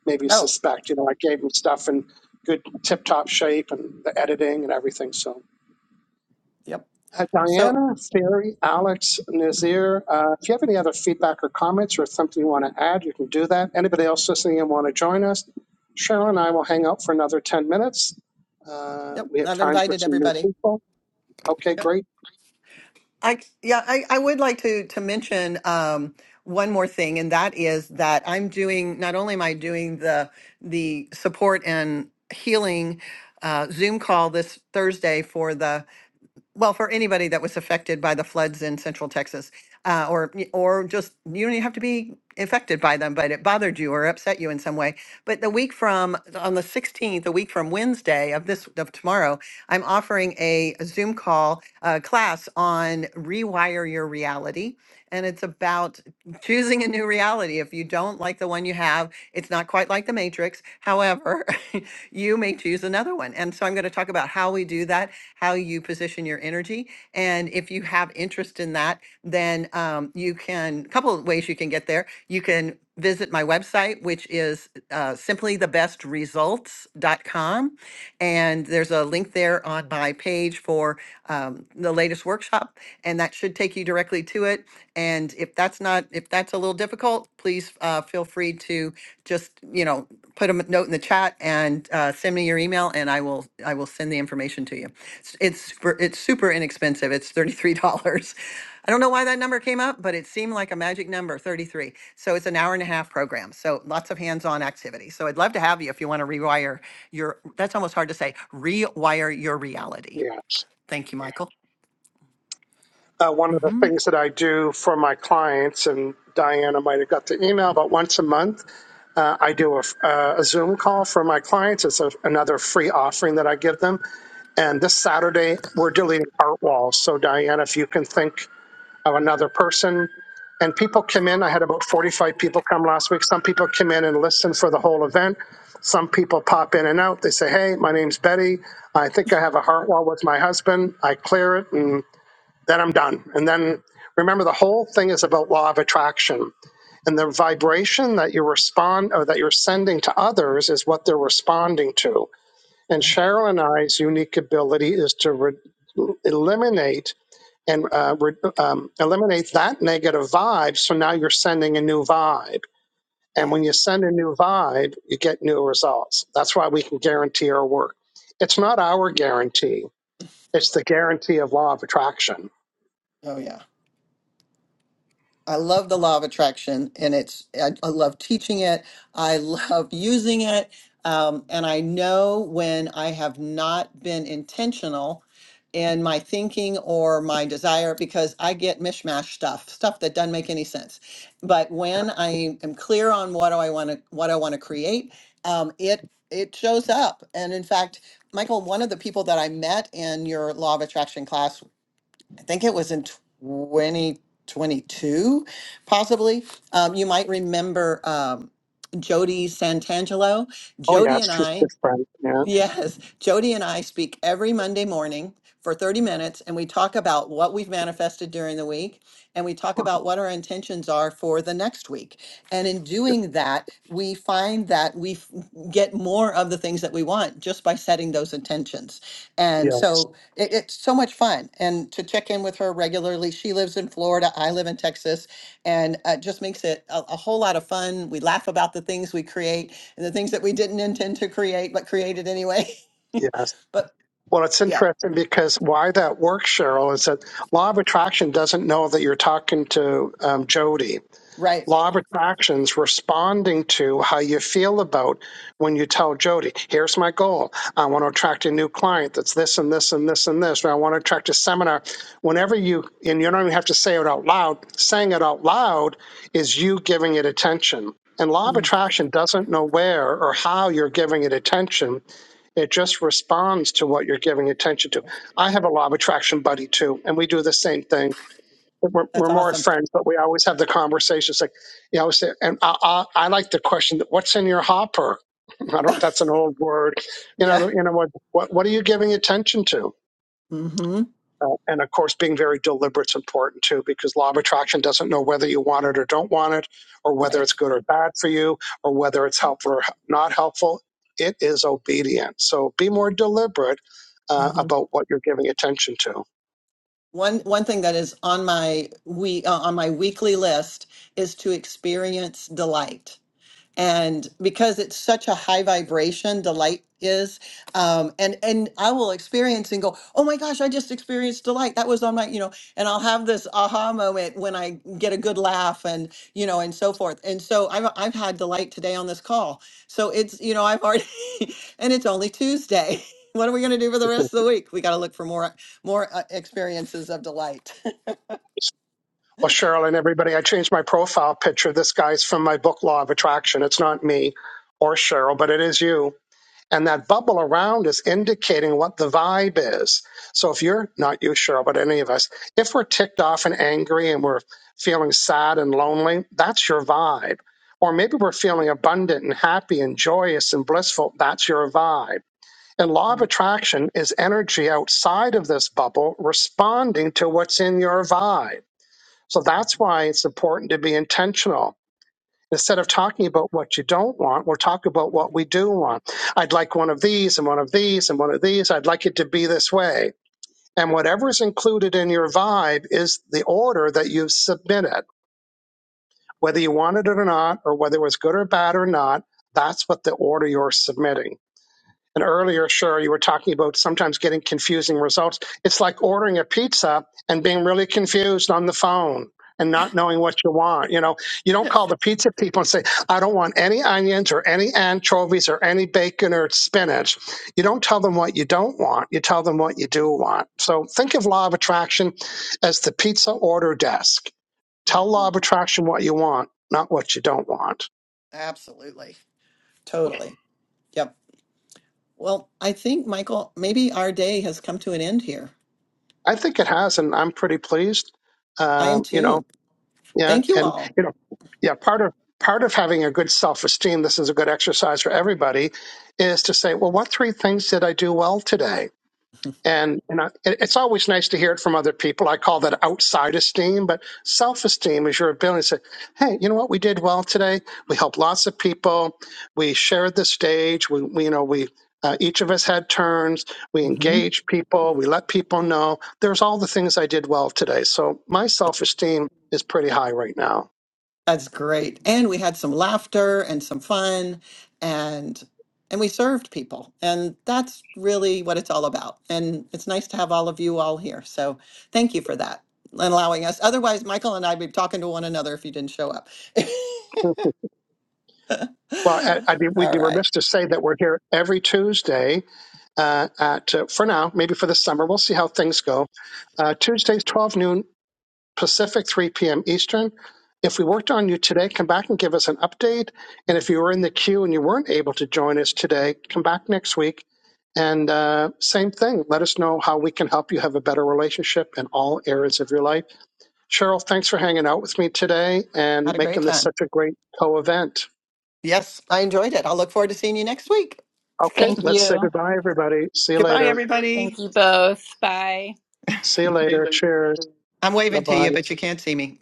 maybe
Oh,
suspect. You know, I gave him stuff in good tip-top shape and the editing and everything. So,
yep.
uh,
So,
Diana, Ferry, Alex, Nazir, uh, if you have any other feedback or comments or something you want to add, you can do that. Anybody else listening and want to join us, Cheryl and I will hang out for another 10 minutes. Uh,
yep.
we have
I've
time for
invited
some new
everybody.
people. Okay, great.
I yeah, I, I would like to to mention um, one more thing, and that is that I'm doing not only am I doing the the support and healing uh, Zoom call this Thursday for the well, for anybody that was affected by the floods in central Texas, uh, or or just you don't even have to be affected by them, but it bothered you or upset you in some way. But the week from on the 16th, a week from Wednesday of this of tomorrow, I'm offering a Zoom call uh, class on rewire your reality, and it's about choosing a new reality. If you don't like the one you have, it's not quite like the Matrix. However, you may choose another one, and so I'm going to talk about how we do that how you position your energy. And if you have interest in that, then um, you can, a couple of ways you can get there. You can visit my website, which is uh, simplythebestresults.com. And there's a link there on my page for um, the latest workshop, and that should take you directly to it. And if that's not, if that's a little difficult, please uh, feel free to just, you know, put a m- note in the chat and uh, send me your email and I will I will send the information to you. It's it's super, it's super inexpensive. It's $33. I don't know why that number came up, but it seemed like a magic number, 33. So it's an hour and a half program. So lots of hands-on activity. So I'd love to have you if you want to rewire your that's almost hard to say, rewire your reality.
Yeah.
Thank you, Michael.
uh, one of the
Mhm.
things that I do for my clients, and Diana might have got the email, but once a month, uh, I do a, f- uh, a Zoom call for my clients. It's a, another free offering that I give them. And this Saturday, we're doing art walls. So, Diana, if you can think of another person, and people come in. I had about 45 people come last week. Some people come in and listen for the whole event. Some people pop in and out. They say, Hey, my name's Betty. I think I have a heart wall with my husband. I clear it. and." then I'm done. And then remember, the whole thing is about law of attraction, and the vibration that you respond or that you're sending to others is what they're responding to. And
Right.
Cheryl and I's unique ability is to re- eliminate and uh, re- um, eliminate that negative vibe. So now you're sending a new vibe, and when
Yeah.
you send a new vibe, you get new results. That's why we can guarantee our work. It's not our guarantee; it's the guarantee of law of attraction
Oh, yeah. I love the law of attraction, and it's I, I love teaching it. I love using it, um, and I know when I have not been intentional in my thinking or my desire because I get mishmash stuff, stuff that doesn't make any sense. But when I am clear on what do I want to what I want to create, um, it it shows up. And in fact, Michael, one of the people that I met in your law of attraction class I think it was in 2022, possibly. Um, you might remember um, Jody Santangelo.
Oh
Jody
yes,
and
she's a
I
good friend. Yeah.
Yes, Jody and I speak every Monday morning for 30 minutes and we talk about what we've manifested during the week and we talk about what our intentions are for the next week. And in doing that, we find that we f- get more of the things that we want just by setting those intentions. And
Yes.
so it, it's so much fun. And to check in with her regularly, she lives in Florida, I live in Texas, and uh, just makes it a, a whole lot of fun. We laugh about the things we create and the things that we didn't intend to create but created anyway.
Yes.
But
Well, it's
yeah,
interesting because why that works, Cheryl, is that law of attraction doesn't know that you're talking to um, Jody.
right.
Law of attraction's responding to how you feel about when you tell Jody, here's my goal. I want to attract a new client that's this and this and this and this. Or I want to attract a seminar. Whenever you, and you don't even have to say it out loud, saying it out loud is you giving it attention. And law of
Mm,
attraction doesn't know where or how you're giving it attention. It just responds to what you're giving attention to.
yeah,
I have a law of attraction buddy too, and we do the same thing we're, we're
That's
more
awesome.
friends, but we always have the conversations. Like, you always say, and I, I, I like the question, "What's in your hopper?" I don't. That's an old word. You know.
yeah.
the- You know what? What What are you giving attention to?
hmm
Uh, and of course, being very deliberate is important too, because law of attraction doesn't know whether you want it or don't want it, or whether it's
Right.
good or bad for you, or whether it's helpful or not helpful. It is obedient. So be more deliberate uh,
hmm
about what you're giving attention to.
One one thing that is on my we uh, on my weekly list is to experience delight and because it's such a high vibration delight is um and and i will experience and go oh my gosh i just experienced delight that was on my you know and i'll have this aha moment when i get a good laugh and you know and so forth and so i've i've had delight today on this call so it's you know i've already and it's only tuesday what are we going to do for the rest of the week we got to look for more more uh, experiences of delight
Well, Cheryl and everybody, I changed my profile picture. This guy's from my book, Law of Attraction. It's not me or Cheryl, but it is you. And that bubble around is indicating what the vibe is. So if you're not you, Cheryl, but any of us, if we're ticked off and angry and we're feeling sad and lonely, that's your vibe. Or maybe we're feeling abundant and happy and joyous and blissful. That's your vibe. And law of
Mhm,
attraction is energy outside of this bubble responding to what's in your vibe. So that's why it's important to be intentional. Instead of talking about what you don't want, we'll talk about what we
mhm,
do want. I'd like one of these and one of these and one of these. I'd like it to be this way. And whatever is included in your vibe is the order that you've submitted. Whether you wanted it or not, or whether it was good or bad or not, that's what the order you're submitting. An earlier, show, you were talking about sometimes getting confusing results. It's like ordering a pizza and being really confused on the phone and not knowing what you want. You know, you don't
mhm.
call the pizza people and say, I don't want any onions or any anchovies or any bacon or spinach. You don't tell them what you don't want. You tell them what you do want. So think of law of attraction as the pizza order desk. Tell law
Mhm.
of attraction what you want, not what you don't want.
absolutely totally yep Well, I think, Michael, maybe our day has come to an end here.
I think it has, and I'm pretty pleased.
I am
Um, you know,
too.
Yeah,
Thank you
and
all.
you know, yeah, part of part of having a good self-esteem, this is a good exercise for everybody, is to say, well, what three things did I do well today? and you know it, it's always nice to hear it from other people i call that outside esteem but self-esteem is your ability to say hey you know what we did well today we helped lots of people we shared the stage we, we you know we uh, each of us had turns we
hmm
engaged people we let people know there's all the things i did well today so my self-esteem is pretty high right now
That's great. And we had some laughter and some fun and and we served people. And that's really what it's all about. And it's nice to have all of you all here. So thank you for that and allowing us. Otherwise, Michael and I'd be talking to one another if you didn't show up.
well, I, I'd be, we'd
all
be
right.
remiss to say that we're here every Tuesday uh, at, uh, for now, maybe for the summer. We'll see how things go. Uh, Tuesdays, 12 noon Pacific, 3 p.m. Eastern. If we worked on you today, come back and give us an update. And if you were in the queue and you weren't able to join us today, come back next week. And uh, same thing, let us know how we can help you have a better relationship in all areas of your life. Cheryl, thanks for hanging out with me today
Had
and
a great
making this
time.
such a great co event.
Yes, I enjoyed it. I'll look forward to seeing you next week.
Okay,
Thank
let's say
you.
goodbye, everybody. See you
Goodbye,
later.
Thank
everybody.
you both. Bye.
See you later. Cheers.
I'm
Bye
waving to
bye.
you, but you can't see me.